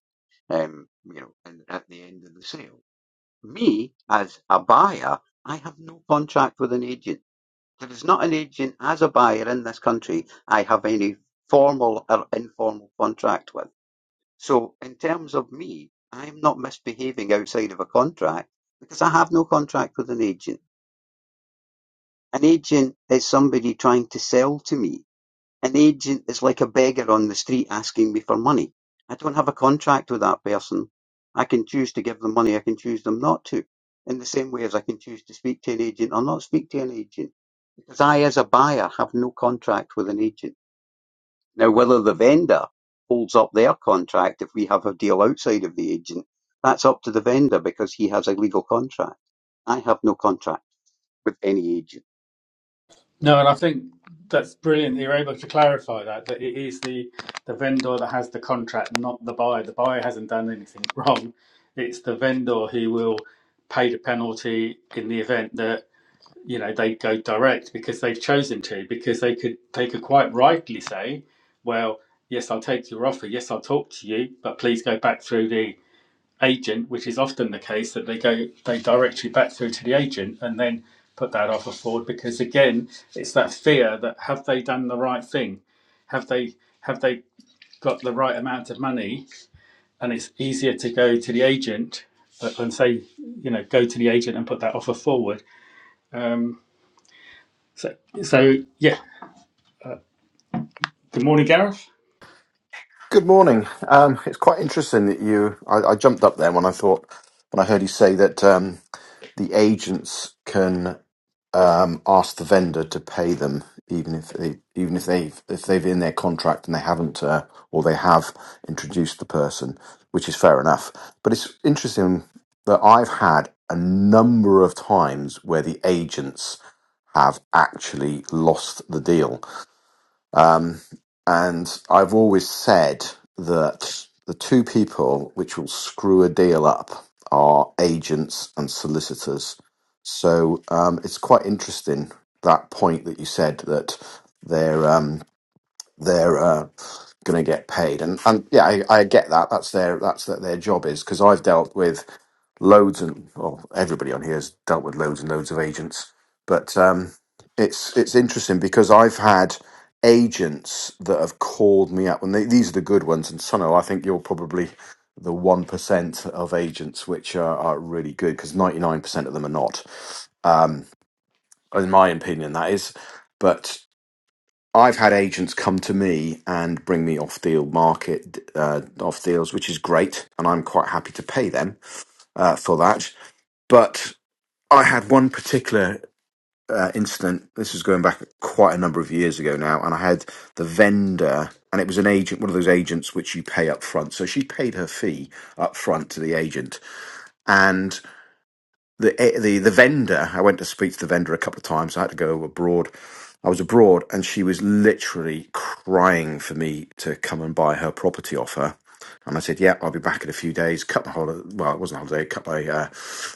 S5: um, you know, and at the end of the sale. Me, as a buyer, I have no contract with an agent. There is not an agent as a buyer in this country I have any formal or informal contract with. So, in terms of me, I am not misbehaving outside of a contract because I have no contract with an agent. An agent is somebody trying to sell to me. An agent is like a beggar on the street asking me for money. I don't have a contract with that person. I can choose to give them money, I can choose them not to. In the same way as I can choose to speak to an agent or not speak to an agent. Because I, as a buyer, have no contract with an agent. Now, whether the vendor holds up their contract if we have a deal outside of the agent, that's up to the vendor because he has a legal contract. I have no contract with any agent.
S2: No, and I think that's brilliant. that You're able to clarify that that it is the the vendor that has the contract, not the buyer. The buyer hasn't done anything wrong. It's the vendor who will pay the penalty in the event that you know they go direct because they've chosen to. Because they could they could quite rightly say, well, yes, I'll take your offer. Yes, I'll talk to you, but please go back through the agent, which is often the case that they go they direct you back through to the agent and then put that offer forward because again it's that fear that have they done the right thing? Have they have they got the right amount of money? And it's easier to go to the agent uh, and say, you know, go to the agent and put that offer forward. Um, so so yeah. Good morning, Gareth.
S8: Good morning. Um, it's quite interesting that you. I, I jumped up there when I thought when I heard you say that um, the agents can um, ask the vendor to pay them even if they even if they've if they've in their contract and they haven't uh, or they have introduced the person, which is fair enough. But it's interesting that I've had a number of times where the agents have actually lost the deal and I've always said that the two people which will screw a deal up are agents and solicitors. So um, it's quite interesting that point that you said that they're um, they're uh, going to get paid, and and yeah, I, I get that. That's their that's that their job is because I've dealt with loads and well, everybody on here has dealt with loads and loads of agents, but um, it's it's interesting because I've had agents that have called me up, and they, these are the good ones. And Sono, I think you're probably the one percent of agents which are, are really good because ninety nine percent of them are not, in my opinion. That is, but. I've had agents come to me and bring me off deal market, uh, off deals, which is great. And I'm quite happy to pay them uh, for that. But I had one particular uh, incident. This was going back quite a number of years ago now, and I had the vendor, and it was an agent, one of those agents which you pay up front. So she paid her fee up front to the agent, and the eh, the the vendor. I went to speak to the vendor a couple of times. I had to go abroad. I was abroad, and she was literally crying for me to come and buy her property off her. And I said, "Yeah, I'll be back in a few days." Cut my holiday. Well, it wasn't a holiday. Cut my uh,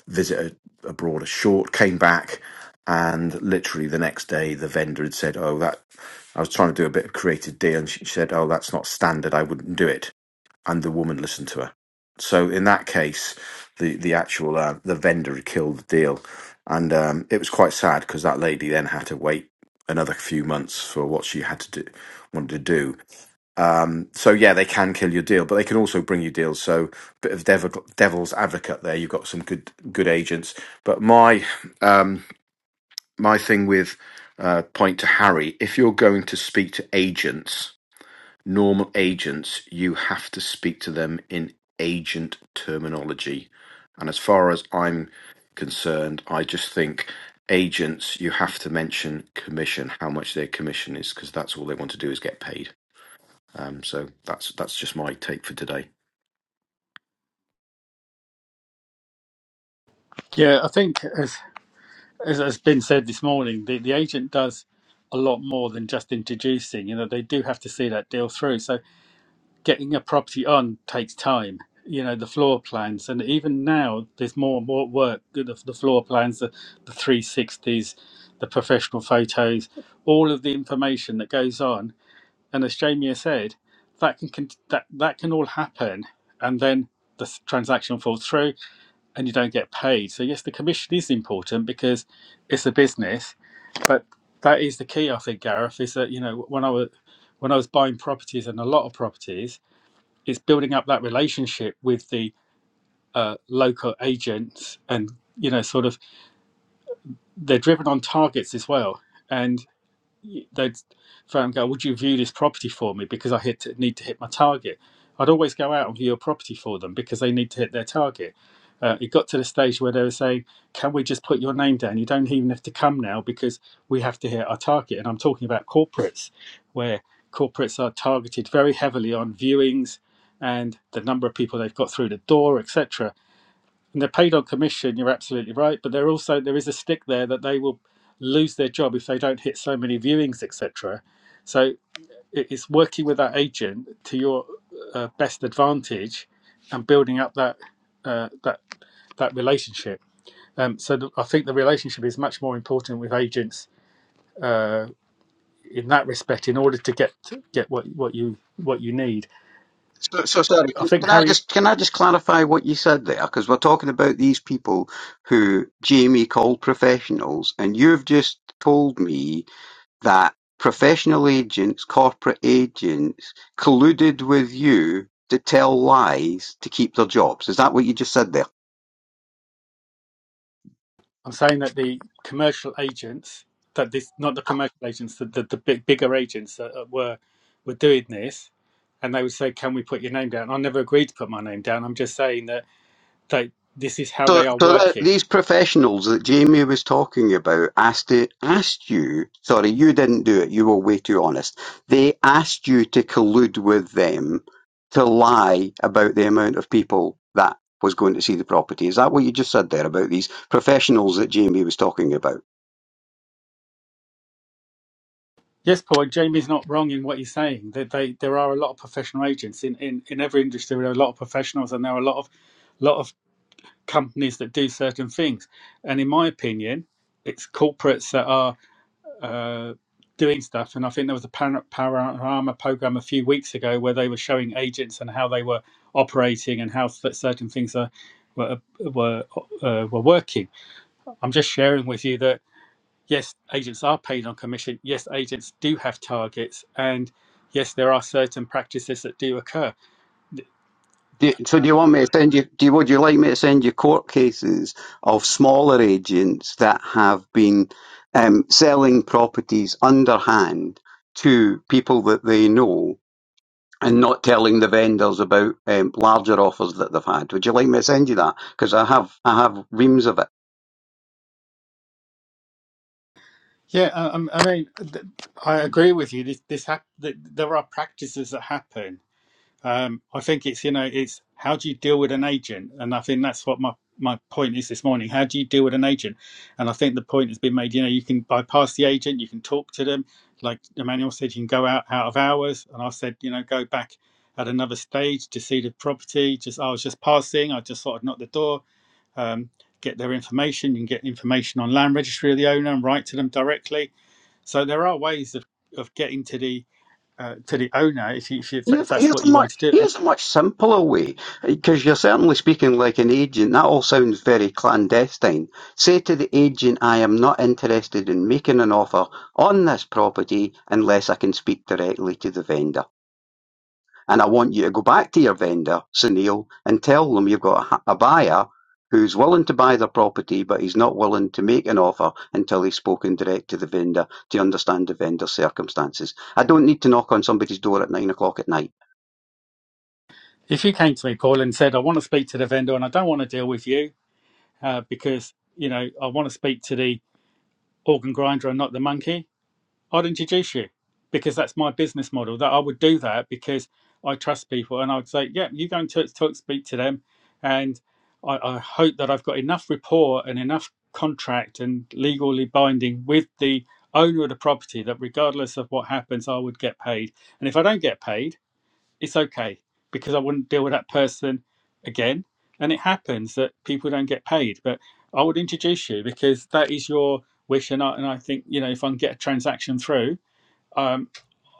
S8: visit a- abroad a short. Came back, and literally the next day, the vendor had said, "Oh, that." I was trying to do a bit of creative deal, and she said, "Oh, that's not standard. I wouldn't do it." and the woman listened to her. So in that case, the the actual uh, the vendor had killed the deal, and um, it was quite sad because that lady then had to wait another few months for what she had to do wanted to do. Um, so yeah, they can kill your deal, but they can also bring you deals. So bit of devil, devil's advocate there. You've got some good good agents, but my um, my thing with uh, point to Harry, if you're going to speak to agents Normal agents, you have to speak to them in agent terminology. And as far as I'm concerned, I just think agents, you have to mention commission, how much their commission is, because that's all they want to do is get paid. Um, so that's that's just my take for today.
S2: Yeah, I think as as has been said this morning, the, the agent does a lot more than just introducing. You know, they do have to see that deal through. So getting a property on takes time. You know, the floor plans, and even now there's more and more work. The, the floor plans, the, the 360s, the professional photos, all of the information that goes on. And as Jamie said, that can, can that that can all happen, and then the s- transaction falls through, and you don't get paid. So yes, the commission is important because it's a business, but that is the key. I think Gareth is that you know when I was when I was buying properties and a lot of properties it's building up that relationship with the uh, local agents and you know sort of they're driven on targets as well and they'd phone and go, "Would you view this property for me because I hit need to hit my target?" I'd always go out and view a property for them because they need to hit their target. Uh, it got to the stage where they were saying, "Can we just put your name down? You don't even have to come now because we have to hit our target." And I'm talking about corporates, where corporates are targeted very heavily on viewings and the number of people they've got through the door, etc. And they're paid on commission. You're absolutely right, but they're also there is a stick there that they will lose their job if they don't hit so many viewings, etc. So it's working with that agent to your uh, best advantage and building up that uh, that that relationship. Um, so the, I think the relationship is much more important with agents uh, in that respect, in order to get get what what you what you need.
S5: So, so sorry.
S2: I
S5: Can
S2: think
S5: can I
S2: Harry
S5: just can I just clarify what you said there? Because we're talking about these people who Jamie called professionals, and you've just told me that professional agents, corporate agents, colluded with you to tell lies to keep their jobs. Is that what you just said there?
S2: I'm saying that the commercial agents, that this, not the commercial agents, the, the, the big, bigger agents that, that were were doing this, and they would say, "Can we put your name down?" I never agreed to put my name down. I'm just saying that they, this is how
S5: So,
S2: they are
S5: so that
S2: working.
S5: these professionals that Jamie was talking about asked to, asked you. Sorry, you didn't do it. You were way too honest. They asked you to collude with them to lie about the amount of people that was going to see the property. Is that what you just said there about these professionals that Jamie was talking about?
S2: Yes, Paul, and Jamie's not wrong in what he's saying. That they, there are a lot of professional agents in, in, in every industry. There are a lot of professionals, and there are a lot of lot of companies that do certain things. And in my opinion, it's corporates that are uh, doing stuff. And I think there was a Pan- Panorama program a few weeks ago where they were showing agents and how they were operating and how cer- certain things are, were were uh, were working. I'm just sharing with you that yes, agents are paid on commission. Yes, agents do have targets, and yes, there are certain practices that do occur.
S5: Do, you, so do you want me to send you? Do you, would you like me to send you court cases of smaller agents that have been um, selling properties underhand to people that they know and not telling the vendors about um, larger offers that they've had? Would you like me to send you that? Because I have I have reams of it.
S2: Yeah, I, I mean, th- I agree with you. This this hap- th- there are practices that happen Um, I think it's you know it's how do you deal with an agent, and I think that's what my my point is this morning. How do you deal with an agent? And I think the point has been made. You know, you can bypass the agent, you can talk to them. Like Emmanuel said, you can go out out of hours, and I said, you know, go back at another stage to see the property. Just I was just passing, I just thought I'd knock the door, um, get their information. You can get information on land registry of the owner and write to them directly. So there are ways of of getting to the uh, to the owner if, you, if, you, if
S5: Here's,
S2: that's
S5: here's
S2: what
S5: a
S2: you
S5: much
S2: want to do. And
S5: here's a much simpler way because you're certainly speaking like an agent. That all sounds very clandestine. Say to the agent, "I am not interested in making an offer on this property unless I can speak directly to the vendor." And I want you to go back to your vendor, Sunil, and tell them you've got a, ha- a buyer who's willing to buy the property, but he's not willing to make an offer until he's spoken direct to the vendor to understand the vendor's circumstances. I don't need to knock on somebody's door at nine o'clock at night.
S2: if you came to me, Paul, and said, I want to speak to the vendor and I don't want to deal with you uh, because, you know, I want to speak to the organ grinder and not the monkey, I'd introduce you because that's my business model. That I would do that because I trust people and I'd say, yeah, you go and talk, talk speak to them. And I, I hope that I've got enough rapport and enough contract and legally binding with the owner of the property that regardless of what happens, I would get paid. And if I don't get paid, it's okay because I wouldn't deal with that person again. And it happens that people don't get paid, but I would introduce you because that is your wish. And I, and I think, you know, if I can get a transaction through, um,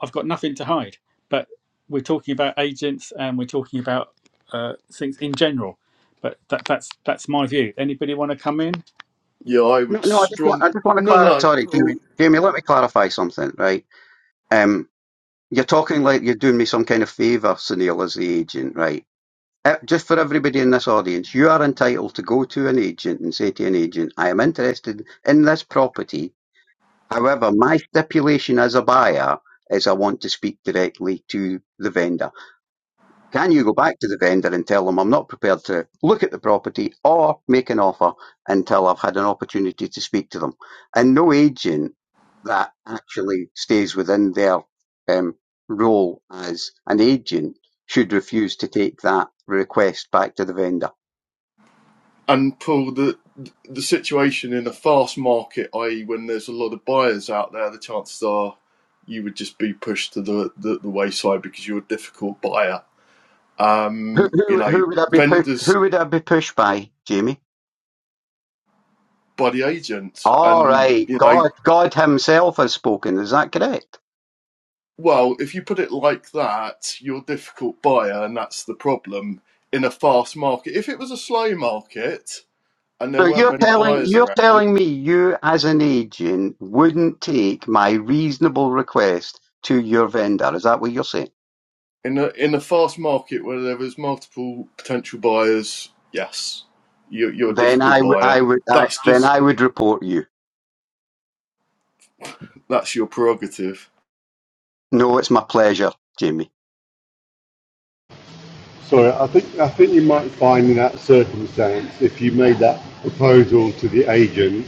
S2: I've got nothing to hide. But we're talking about agents and we're talking about uh, things in general. But that, that's that's my view. Anybody want to come in?
S4: Yeah, I
S5: No,
S4: would
S5: no, I just want,
S4: strong
S5: I just want to
S4: no
S5: clarify.
S4: no
S5: Sorry, Jamie.
S4: Paul,
S5: Jamie, let me clarify something, right? Um, you're talking like you're doing me some kind of favour, Sunil, as the agent, right? Uh, just for everybody in this audience, you are entitled to go to an agent and say to an agent, I am interested in this property. However, my stipulation as a buyer is I want to speak directly to the vendor. Can you go back to the vendor and tell them I'm not prepared to look at the property or make an offer until I've had an opportunity to speak to them? And no agent that actually stays within their um, role as an agent should refuse to take that request back to the vendor.
S4: and Paul the the situation in a fast market, i.e., when there's a lot of buyers out there, the chances are you would just be pushed to the the, the wayside because you're a difficult buyer.
S5: Who,
S4: Um, you
S5: who,
S4: know,
S5: who would I be pu-
S4: vendors
S5: who would I be pushed by, Jamie?
S4: by the agent.
S5: All
S4: And,
S5: right,
S4: you know,
S5: God, God Himself has spoken. Is that correct?
S4: well, if you put it like that, you're a difficult buyer, and that's the problem in a fast market. If it was a slow market and there
S5: So
S4: weren't
S5: you're
S4: many
S5: telling
S4: buyers
S5: you're
S4: around,
S5: telling me you as an agent wouldn't take my reasonable request to your vendor. Is that what you're saying?
S4: in a, in a fast market where there was multiple potential buyers, yes, you're, you're a
S5: Then I
S4: difficult
S5: would I
S4: buyer.
S5: would I,
S4: That's
S5: then
S4: just
S5: I would report you.
S4: that's your prerogative.
S5: No, it's my pleasure, Jamie.
S6: Sorry, I think I think you might find in that circumstance if you made that proposal to the agent,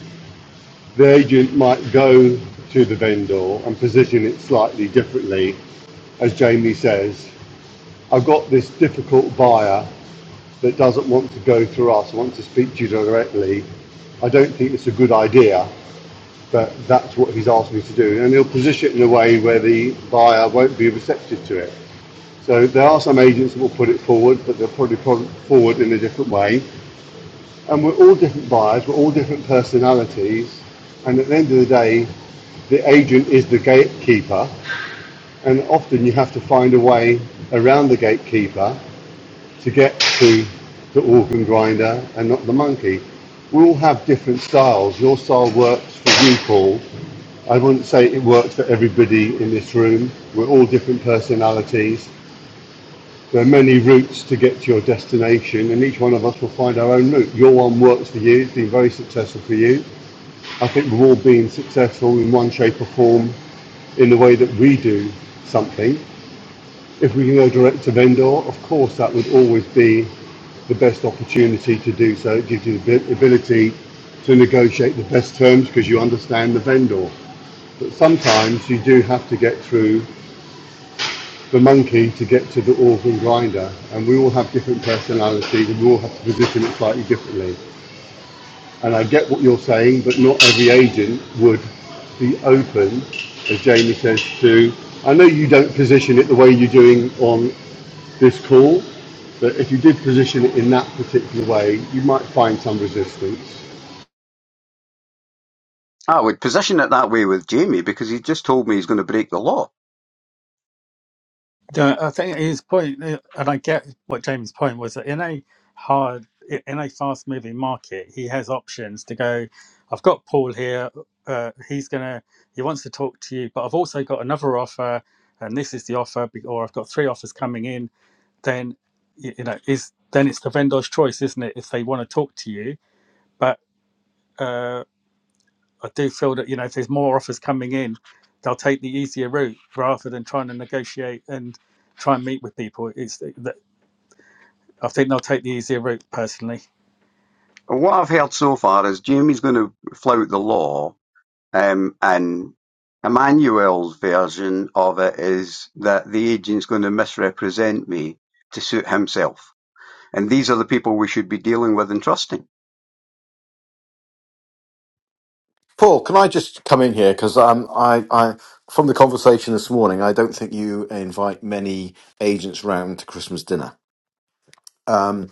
S6: the agent might go to the vendor and position it slightly differently. As Jamie says, I've got this difficult buyer that doesn't want to go through us, wants to speak to you directly. I don't think it's a good idea, but that's what he's asked me to do. And he'll position it in a way where the buyer won't be receptive to it. So there are some agents that will put it forward, but they'll probably put it forward in a different way. And we're all different buyers, we're all different personalities. And at the end of the day, the agent is the gatekeeper. And often you have to find a way around the gatekeeper to get to the organ grinder and not the monkey. We all have different styles. Your style works for you, Paul. I wouldn't say it works for everybody in this room. We're all different personalities. There are many routes to get to your destination, and each one of us will find our own route. Your one works for you, it's been very successful for you. I think we've all been successful in one shape or form in the way that we do something. If we can go direct to vendor, of course, that would always be the best opportunity to do so. It gives you the ability to negotiate the best terms because you understand the vendor. But sometimes you do have to get through the monkey to get to the organ grinder, and we all have different personalities, and we all have to position it slightly differently. And I get what you're saying, but not every agent would be open, as Jamie says, to. I know you don't position it the way you're doing on this call, but if you did position it in that particular way, you might find some resistance.
S5: I would position it that way with Jamie because he just told me he's going to break the law.
S2: Yeah, I think his point, uh, and I get what Jamie's point was that in a hard, i- in a fast moving market, he has options to go. I've got Paul here. Uh, he's gonna. He wants to talk to you, but I've also got another offer, and this is the offer, be- or I've got three offers coming in. Then, y- you know, is then it's the vendor's choice, isn't it? If they want to talk to you, but. uh, I do feel that you know if there's more offers coming in, they'll take the easier route rather than trying to negotiate and try and meet with people. It's that I think they'll take the easier route personally.
S5: What I've heard so far is Jamie's going to flout the law, um, and Emmanuel's version of it is that the agent's going to misrepresent me to suit himself. And these are the people we should be dealing with and trusting.
S8: Paul, can I just come in here because um, I, I, from the conversation this morning, I don't think you invite many agents round to Christmas dinner. Um,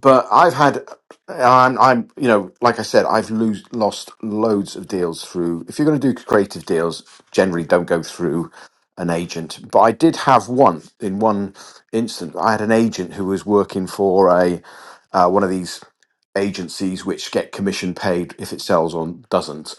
S8: but I've had, I'm, I'm, you know, like I said, I've lose, lost loads of deals through. If you're going to do creative deals, generally don't go through an agent. But I did have one in one instance. I had an agent who was working for a uh, one of these agencies which get commission paid if it sells or doesn't.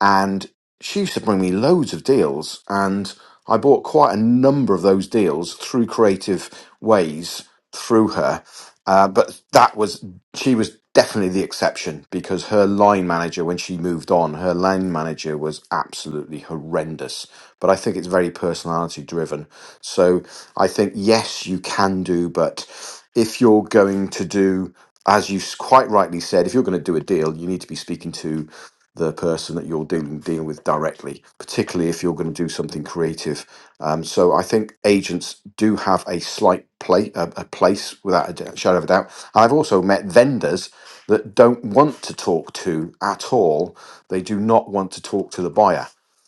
S8: And she used to bring me loads of deals, and I bought quite a number of those deals through creative ways through her. Uh, but that was she was definitely the exception because her line manager, when she moved on, her line manager was absolutely horrendous. But I think it's very personality driven. So I think yes, you can do, but if you're going to do as you s- quite rightly said, if you're going to do a deal, you need to be speaking to the person that you're dealing dealing with directly, particularly if you're going to do something creative. Um, so I think agents do have a slight play a, a place without a d- shadow of a doubt. I've also met vendors that don't want to talk to at all. They do not want to talk to the buyer.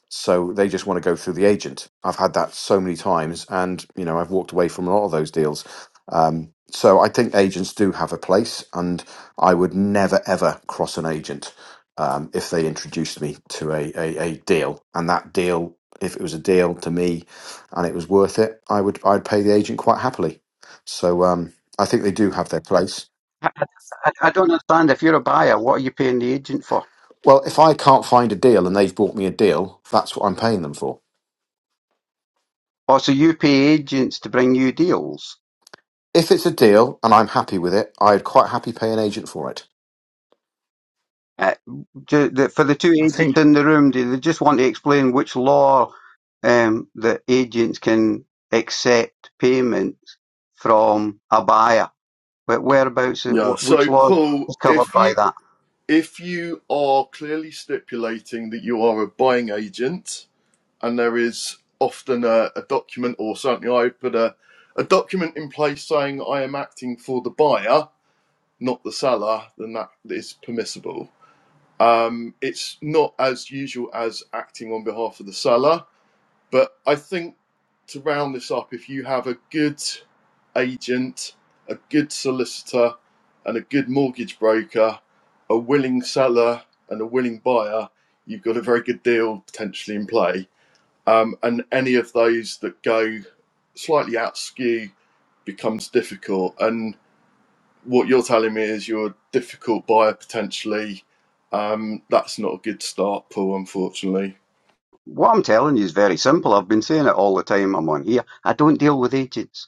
S8: So they just want to go through the agent. I've had that so many times, and you know I've walked away from a lot of those deals um, so I think agents do have a place, and I would never ever cross an agent um, if they introduced me to a, a a deal, and that deal, if it was a deal to me, and it was worth it, I would I'd pay the agent quite happily. So um, I think they do have their place.
S5: I, I don't understand. If you're a buyer, what are you paying the agent for?
S8: Well, if I can't find a deal and they've bought me a deal, that's what I'm paying them for.
S5: Oh, so you pay agents to bring you deals.
S8: If it's a deal and I'm happy with it, I'd quite happy pay an agent for it.
S5: Uh, do, the, for the two
S2: I
S5: agents
S2: think
S5: in the room, do they just want to explain which law um, that agents can accept payments from a buyer? But whereabouts, uh,
S4: Yeah.
S5: wh- which
S4: So,
S5: laws
S4: Paul,
S5: is covered
S4: if
S5: by
S4: you
S5: that?
S4: if you are clearly stipulating that you are a buying agent, and there is often a, a document, or certainly I put a, a document in place saying I am acting for the buyer, not the seller, then that is permissible. Um, it's not as usual as acting on behalf of the seller, but I think to round this up, if you have a good agent, a good solicitor, and a good mortgage broker, a willing seller, and a willing buyer, you've got a very good deal potentially in play um, and any of those that go slightly out skew becomes difficult. And what you're telling me is you're a difficult buyer potentially. Um, that's not a good start, Paul, unfortunately.
S5: What I'm telling you is very simple. I've been saying it all the time I'm on here. I don't deal with agents.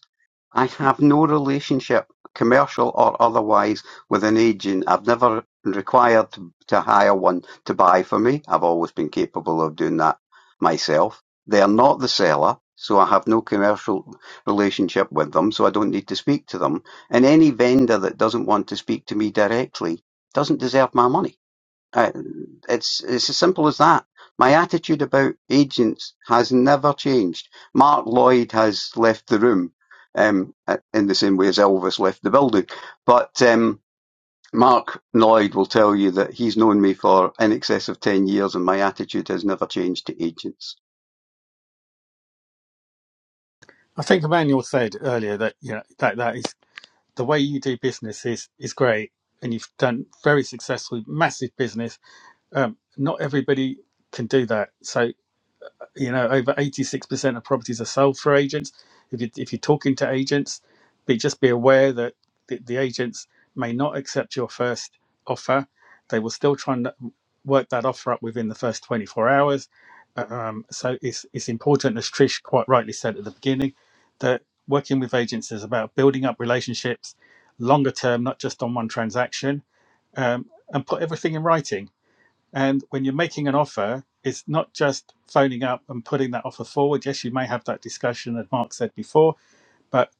S5: I have no relationship, commercial or otherwise, with an agent. I've never required to, to hire one to buy for me. I've always been capable of doing that myself. They are not the seller, so I have no commercial relationship with them, so I don't need to speak to them. And any vendor that doesn't want to speak to me directly doesn't deserve my money. I, it's it's as simple as that. My attitude about agents has never changed. Mark Lloyd has left the room, um, uh, in the same way as Elvis left the building. But um, Mark Lloyd will tell you that he's known me for in excess of ten years, and my attitude has never changed to agents.
S2: I think Emmanuel said earlier that you know that that is the way you do business is is great, and you've done very successful, massive business. Um, not everybody can do that, so you know over 86% of properties are sold through agents if, you, if you're talking to agents be just be aware that the, the agents may not accept your first offer they will still try and work that offer up within the first 24 hours Uh, um, so it's, it's important as trish quite rightly said at the beginning that working with agents is about building up relationships longer term not just on one transaction um, and put everything in writing and when you're making an offer, it's not just phoning up and putting that offer forward. Yes, you may have that discussion, as Mark said before, but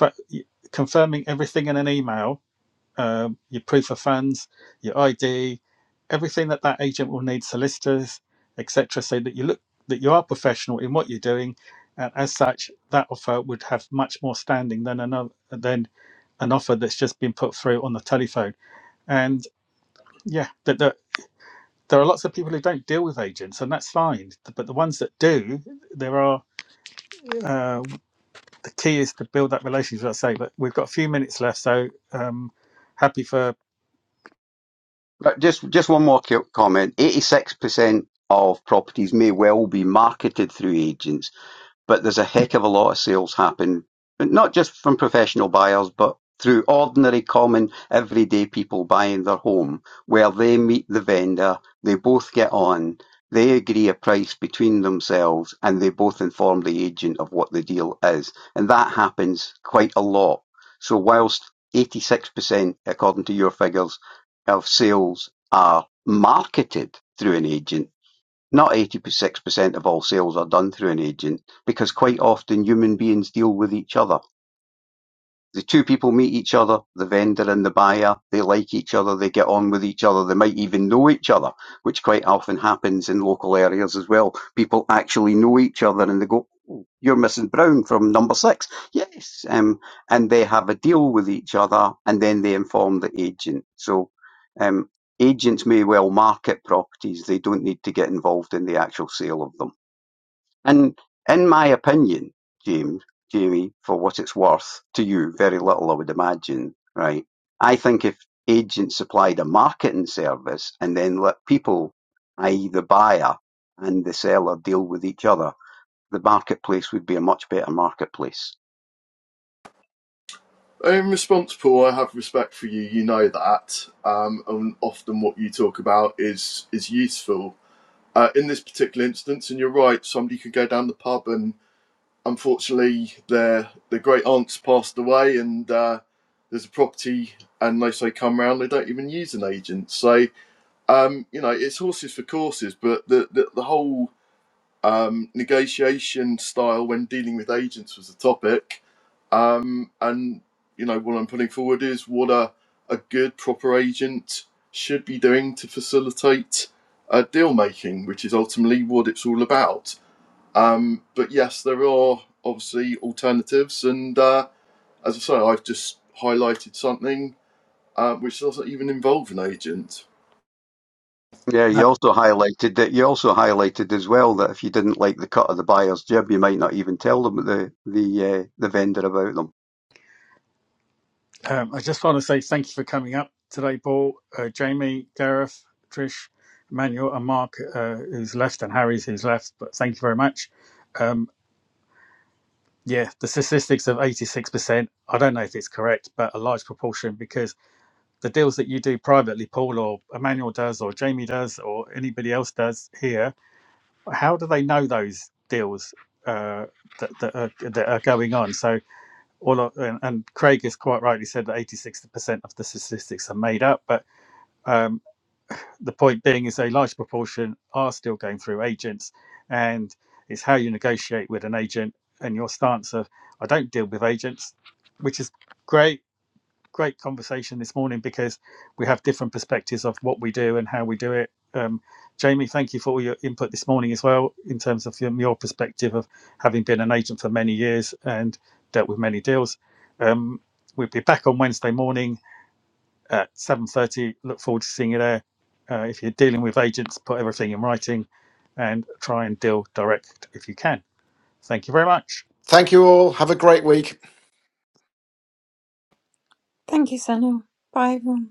S2: f- confirming everything in an email, um, your proof of funds, your ID, everything that that agent will need, solicitors, etc., so that you look that you are professional in what you're doing, and as such, that offer would have much more standing than another than an offer that's just been put through on the telephone. And yeah, that there are lots of people who don't deal with agents, and that's fine. But the ones that do, there are. Uh, the key is to build that relationship. As I say, but we've got a few minutes left, so um, happy for.
S5: But just just one more co- comment: eighty six percent of properties may well be marketed through agents but there's a heck of a lot of sales happen, not just from professional buyers, but through ordinary, common, everyday people buying their home, where they meet the vendor, they both get on, they agree a price between themselves, and they both inform the agent of what the deal is. And that happens quite a lot. So, whilst 86%, according to your figures, of sales are marketed through an agent, not eighty-six percent of all sales are done through an agent, because quite often human beings deal with each other. The two people meet each other, the vendor and the buyer, they like each other, they get on with each other, they might even know each other, which quite often happens in local areas as well. People actually know each other and they go, "Oh, you're Mrs. Brown from number Six." Yes. Um, and they have a deal with each other and then they inform the agent. So, um, agents may well market properties, they don't need to get involved in the actual sale of them. And in my opinion, James, Jamie, for what it's worth, to you, very little I would imagine, right? I think if agents supplied a marketing service and then let people, i.e. the buyer and the seller deal with each other, the marketplace would be a much better marketplace.
S4: In response, Paul, I have respect for you. You know that, um, and often what you talk about is is useful. Uh, in this particular instance, and you're right, somebody could go down the pub and unfortunately, their their great aunts passed away, and uh, there's a property, and they say come round, they don't even use an agent. So um, you know, it's horses for courses, but the the, the whole um, negotiation style when dealing with agents was the topic, um, and you know what I'm putting forward is what a a good proper agent should be doing to facilitate uh, deal making, which is ultimately what it's all about. Um, but yes, there are obviously alternatives, and uh, as I say, I've just highlighted something uh, which doesn't even involve an agent.
S5: Yeah, you
S2: no,
S5: also highlighted that you also highlighted as well that if you didn't like the cut of the buyer's jib, you might not even tell them the the uh, the vendor about them.
S2: Um, I just want to say thank you for coming up today, Paul, uh, Jamie, Gareth, Trish, Emmanuel, and Mark, uh, who's left, and Harry's who's left. But thank you very much. Um, yeah, the statistics of eighty-six percent. I don't know if it's correct, but a large proportion because the deals that you do privately, Paul or Emmanuel does, or Jamie does, or anybody else does here, how do they know those deals uh, that, that, are, that are going on? So, all of, and, and Craig has quite rightly said that 86% of the statistics are made up, but um, the point being is a large proportion are still going through agents, and it's how you negotiate with an agent and your stance of, I don't deal with agents, which is great great conversation this morning because we have different perspectives of what we do and how we do it. Um, Jamie, thank you for all your input this morning as well, in terms of your, your perspective of having been an agent for many years and dealt with many deals. Um, we'll be back on Wednesday morning at seven thirty. Look forward to seeing you there. Uh, if you're dealing with agents, put everything in writing and try and deal direct if you can. Thank you very much.
S8: Thank you all. Have a great week.
S1: Thank you, Sunil. Bye, everyone.